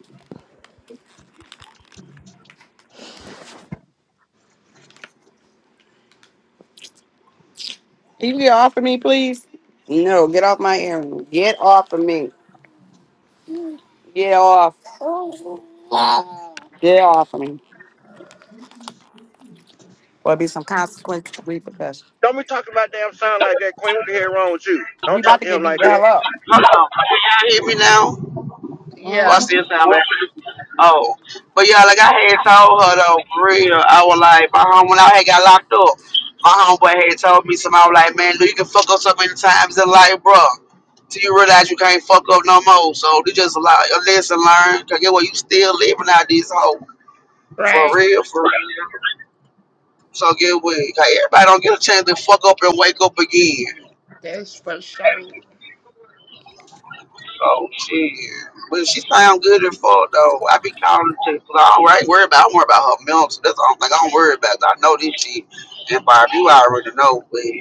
Speaker 1: Can you get off of me, please? No, get off my earring. Get off of me. Get off. Get off of me. Or be some consequence repercussions.
Speaker 14: Don't be talking about damn sound like that, Queen. What the hell wrong with you?
Speaker 1: You
Speaker 14: Don't
Speaker 1: about
Speaker 14: talk
Speaker 1: to
Speaker 14: to
Speaker 1: get
Speaker 14: him
Speaker 1: beat
Speaker 14: like
Speaker 1: the
Speaker 14: that.
Speaker 1: hell up.
Speaker 6: Hold on. Can y'all hear me now?
Speaker 7: Yeah,
Speaker 1: Mhm.
Speaker 6: Watch this now, babe. Oh, but yeah, like I had told her though, for real, I was like, my home when I had got locked up, my homeboy had told me something. I was like, man, you can fuck up so many times in life, bro, till you realize you can't fuck up no more. So this just a lot, a lesson learned. Cause get what, you still living out this hoe, for
Speaker 7: right.
Speaker 6: real, for real. So get what, 'cause everybody don't get a chance to fuck up and wake up again.
Speaker 7: That's for sure.
Speaker 6: Oh shit. But she sound good and full though. I be calling her too, cause I don't right, worry about I don't worry about her milk. So that's the only thing I don't worry about. 'cause I know this shit. And Barb, you already know, but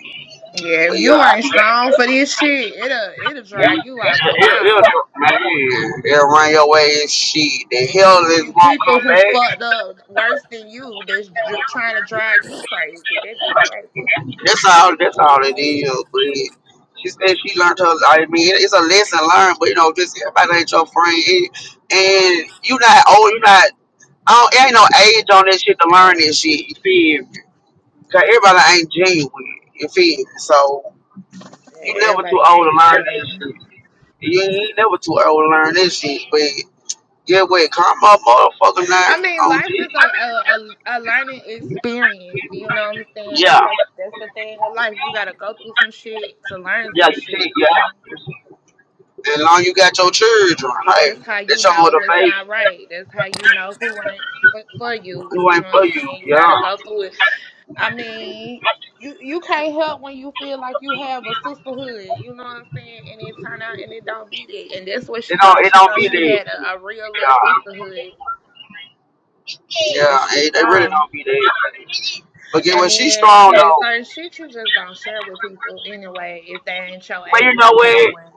Speaker 7: Yeah, if
Speaker 6: but yeah,
Speaker 7: you
Speaker 6: I
Speaker 7: ain't
Speaker 6: be
Speaker 7: strong for this shit, it'll it'll drive you out the
Speaker 6: it,
Speaker 7: wall.
Speaker 6: it'll, man, it'll run your way and shit. The
Speaker 7: And
Speaker 6: hell
Speaker 7: then it
Speaker 6: is
Speaker 7: be
Speaker 6: won't
Speaker 7: people
Speaker 6: come
Speaker 7: who
Speaker 6: back.
Speaker 7: fucked up worse than you that's dr- trying to drive you crazy. That'd be the crazy.
Speaker 6: That's all that's all it is, but she said she learned her. I mean, it- it's a lesson learned, but you know, just everybody ain't your friend, and, and you not old, you not. I don't, it ain't no age on that shit to learn
Speaker 7: Oh,
Speaker 6: this shit. You feel me? Cause everybody ain't genuine. You feel me? So
Speaker 7: yeah,
Speaker 6: you never too
Speaker 7: everybody
Speaker 6: old to
Speaker 7: ain't
Speaker 6: learn that
Speaker 7: genuine.
Speaker 6: shit. You ain't never too old to learn that shit. But yeah, wait, calm up, motherfucker, now
Speaker 7: I mean,
Speaker 6: on
Speaker 7: life
Speaker 6: G.
Speaker 7: is a, a a a learning experience. You know what I'm saying?
Speaker 6: Yeah,
Speaker 7: That's the that's the thing with life. You gotta go through some shit to learn
Speaker 6: yeah,
Speaker 7: some
Speaker 6: you see,
Speaker 7: shit. You know.
Speaker 6: yeah. And long you got your children, hey,
Speaker 7: That's how you
Speaker 6: that's your
Speaker 7: know what's not
Speaker 6: motivation.
Speaker 7: right. That's how you know who ain't for, for you.
Speaker 6: Who
Speaker 7: You know
Speaker 6: ain't for
Speaker 7: what I'm
Speaker 6: you?
Speaker 7: saying? You gotta
Speaker 6: Yeah.
Speaker 7: go through it. I mean, you you can't help when you feel like you have a sisterhood. You know what I'm saying? And it turn out and it don't be that. And that's what she
Speaker 6: It don't,
Speaker 7: thought.
Speaker 6: it
Speaker 7: She
Speaker 6: don't
Speaker 7: thought
Speaker 6: be
Speaker 7: she had
Speaker 6: there.
Speaker 7: a, a real little
Speaker 6: Yeah.
Speaker 7: sisterhood. But
Speaker 6: Yeah,
Speaker 7: she
Speaker 6: hey, they really
Speaker 7: saw.
Speaker 6: don't be there. But get
Speaker 7: And
Speaker 6: what? She's
Speaker 7: then
Speaker 6: strong
Speaker 7: shit,
Speaker 6: though.
Speaker 7: certain shit you just don't share with people anyway if they ain't your
Speaker 6: but you know
Speaker 7: A1 day
Speaker 6: what?
Speaker 7: one.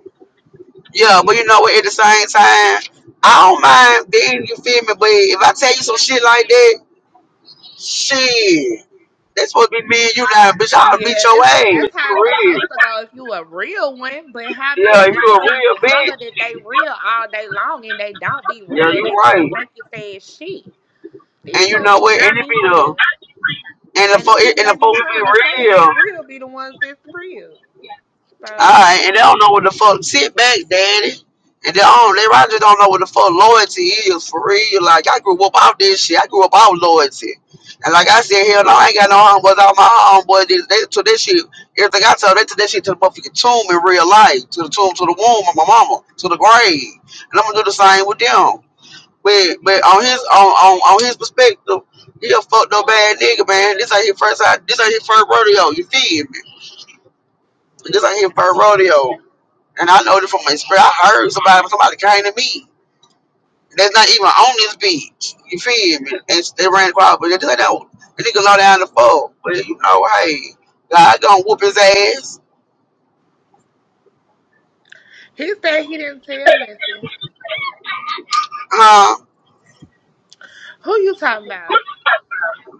Speaker 6: Yeah, but you know what? At the same time, I don't mind being, you feel me? But if I tell you some shit like that, shit, that's supposed to be me and you now, bitch. I'll beat
Speaker 7: Yeah,
Speaker 6: your
Speaker 7: it's
Speaker 6: ass.
Speaker 7: like
Speaker 6: You
Speaker 7: that's how it's
Speaker 6: real.
Speaker 7: supposed to go if you a real one. But how many
Speaker 6: Yeah, you
Speaker 7: people
Speaker 6: a
Speaker 7: can
Speaker 6: real bitch.
Speaker 7: holler that they real all day long and they don't be
Speaker 6: Yeah,
Speaker 7: real?
Speaker 6: you
Speaker 7: They do the
Speaker 6: right.
Speaker 7: fakest ass shit. These
Speaker 6: And you
Speaker 7: folks
Speaker 6: know
Speaker 7: do
Speaker 6: what? And
Speaker 7: not
Speaker 6: it
Speaker 7: be
Speaker 6: be
Speaker 7: real,
Speaker 6: the, and the,
Speaker 7: and the
Speaker 6: fo-
Speaker 7: people
Speaker 6: and
Speaker 7: they
Speaker 6: the
Speaker 7: be
Speaker 6: folks
Speaker 7: trying to say
Speaker 6: be real.
Speaker 7: ain't real be the ones that's real. So
Speaker 6: Alright, and they don't know what the fuck sit back, daddy. And they don't they right don't know what the fuck loyalty is for real. Like I grew up out this shit. I grew up out loyalty. And like I said, hell no, I ain't got no homeboys out my homeboys. They, they took this shit. Everything I told, they took that shit to the motherfucking tomb in real life. To the tomb, to the womb of my mama, to the grave. And I'm gonna do the same with them. But but on his on on, on his perspective, he a fucked up bad nigga, man. This ain't his first this ain't his first rodeo, you feel me? This ain't his first rodeo. And I know this from my spirit. I heard somebody somebody came to me. That's not even on this beach. You feel me? And they ran across, but they just like that. The nigga low down the floor. But you know, hey, God gonna whoop his ass.
Speaker 7: he said he didn't tell nothing.
Speaker 6: Huh?
Speaker 7: Who you talking about?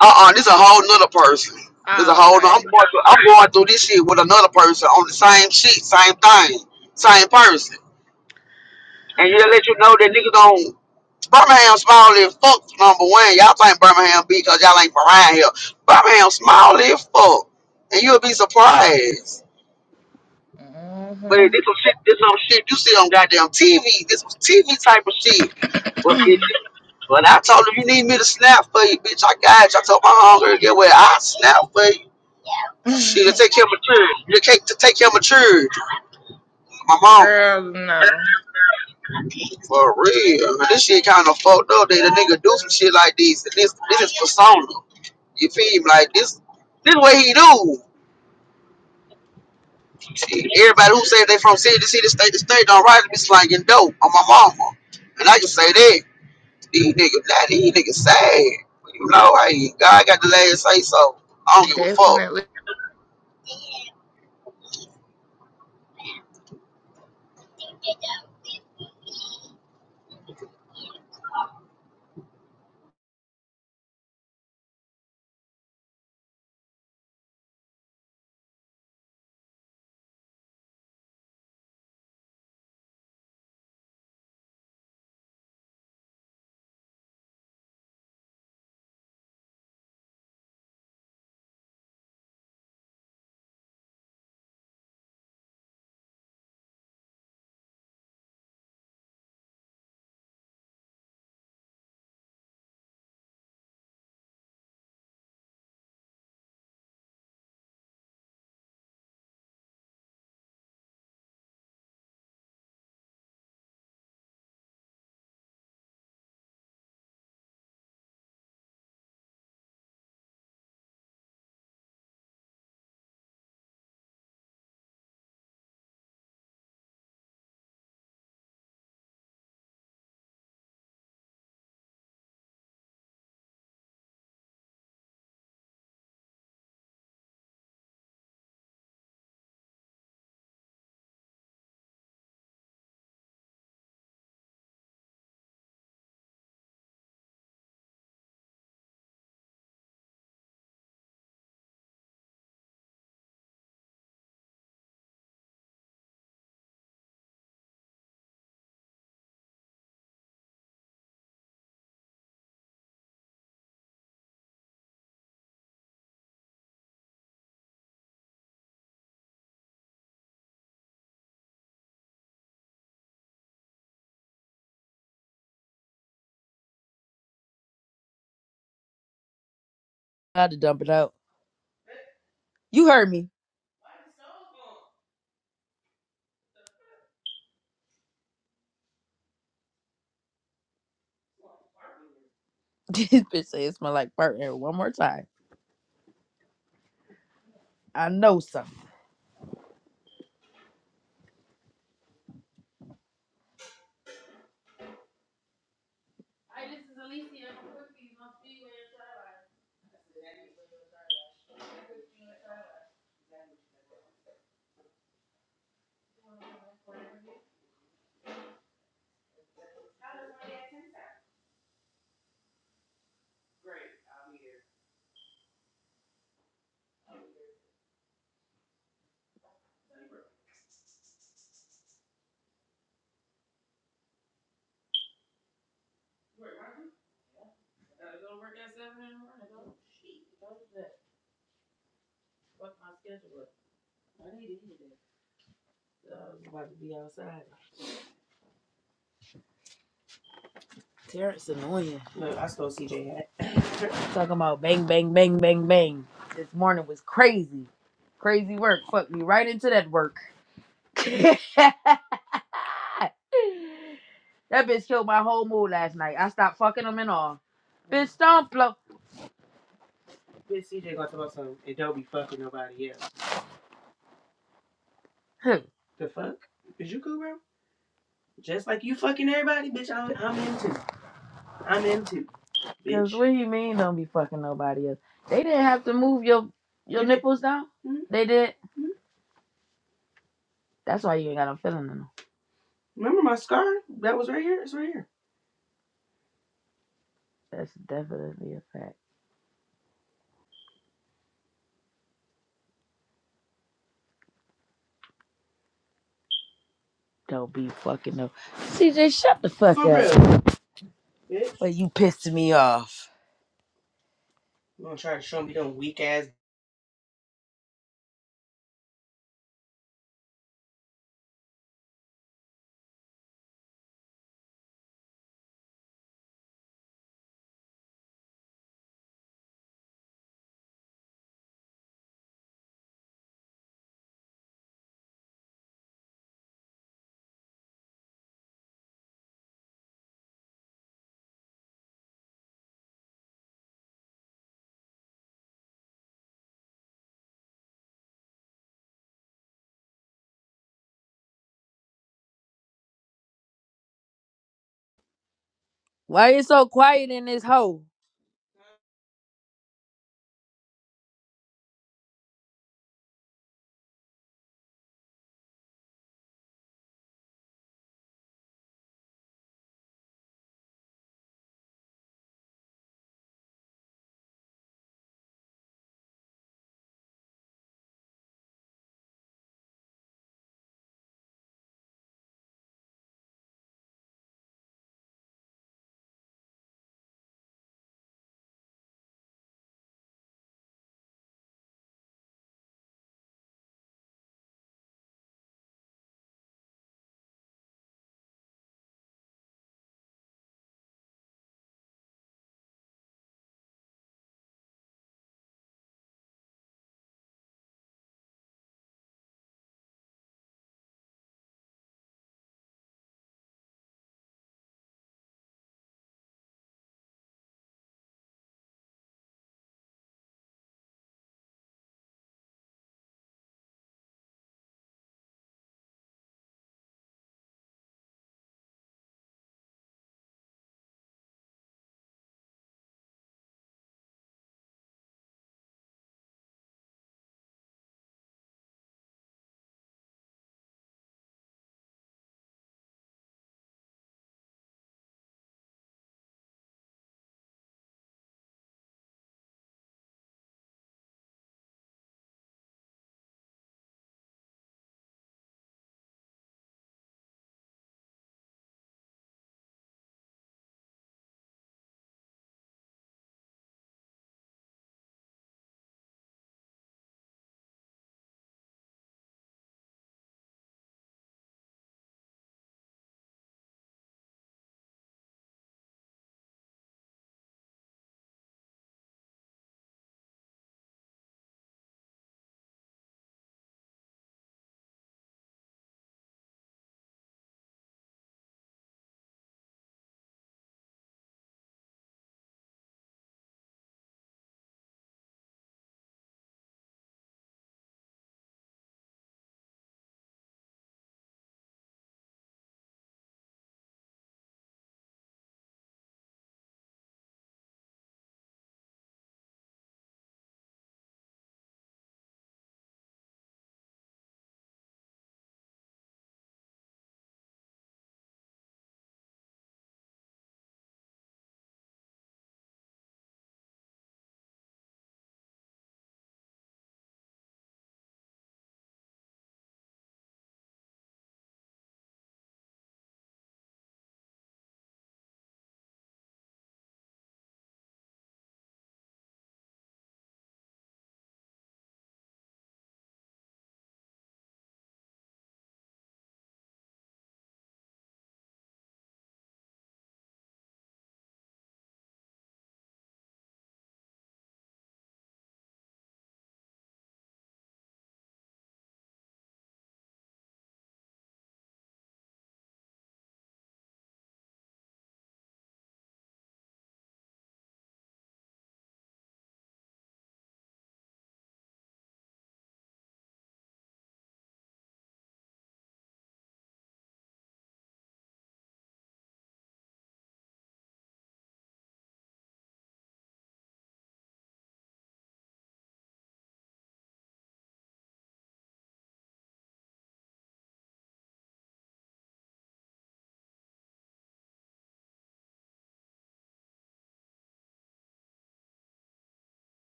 Speaker 6: Uh uh this a whole nother person. This a
Speaker 7: Oh,
Speaker 6: whole nother, I'm
Speaker 7: okay.
Speaker 6: going through I'm going through this shit with another person on the same shit, same thing, same person. And he'll let you know that niggas don't. Birmingham small as fuck, number one. Y'all think Birmingham beat because y'all ain't from around here. Birmingham small as fuck. And you'll be surprised. But this some shit, this some shit you see on goddamn TV. This was TV type of shit. But bitch,
Speaker 7: hmm
Speaker 6: when I told her you need me to snap for you, bitch, I got you. I told my hunger get where I snap for you. She to take care of my children. You to take to take care of my children. My mama.
Speaker 7: Girl, no,
Speaker 6: For real, man, this shit kind of fucked up. That the nigga do some shit like this. This this is persona. You feel me? Like this, this way he do. Shit, everybody who say they from city to city, state to state, don't write to be slanging dope on my mama. And I just say that these niggas, now these niggas sad. But you know, hey, God got the last say so. I don't give a fuck.
Speaker 7: definitely.
Speaker 9: I had to dump it out. You heard me. this bitch say it smell like burnt hair one more time. I know something. Terrence annoying. Look, I stole CJ. J hat. Talking about bang, bang, bang, bang, bang. This morning was crazy. Crazy work. Fuck me right into that work. that bitch killed my whole mood last night. I stopped fucking him and all. Bitch, don't blow. Bitch, CJ gonna tell us something. It don't be fucking nobody else. Who? The fuck? Is you cool, bro? Just like you fucking everybody, bitch. I'm, I'm in I'm into. Cause what do you mean don't be fucking nobody else? They didn't have to move your your nipples down. Mhm. They did. Mhm. That's why you ain't got no feeling in them. Remember my scar? That was right here. It's right here. That's definitely a fact. Don't be fucking up. CJ, shut the fuck For up. real, bitch. But you pissing me off. You gonna try to show me them weak ass Why you so quiet in this hole?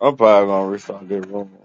Speaker 3: I'm probably gonna restart that room.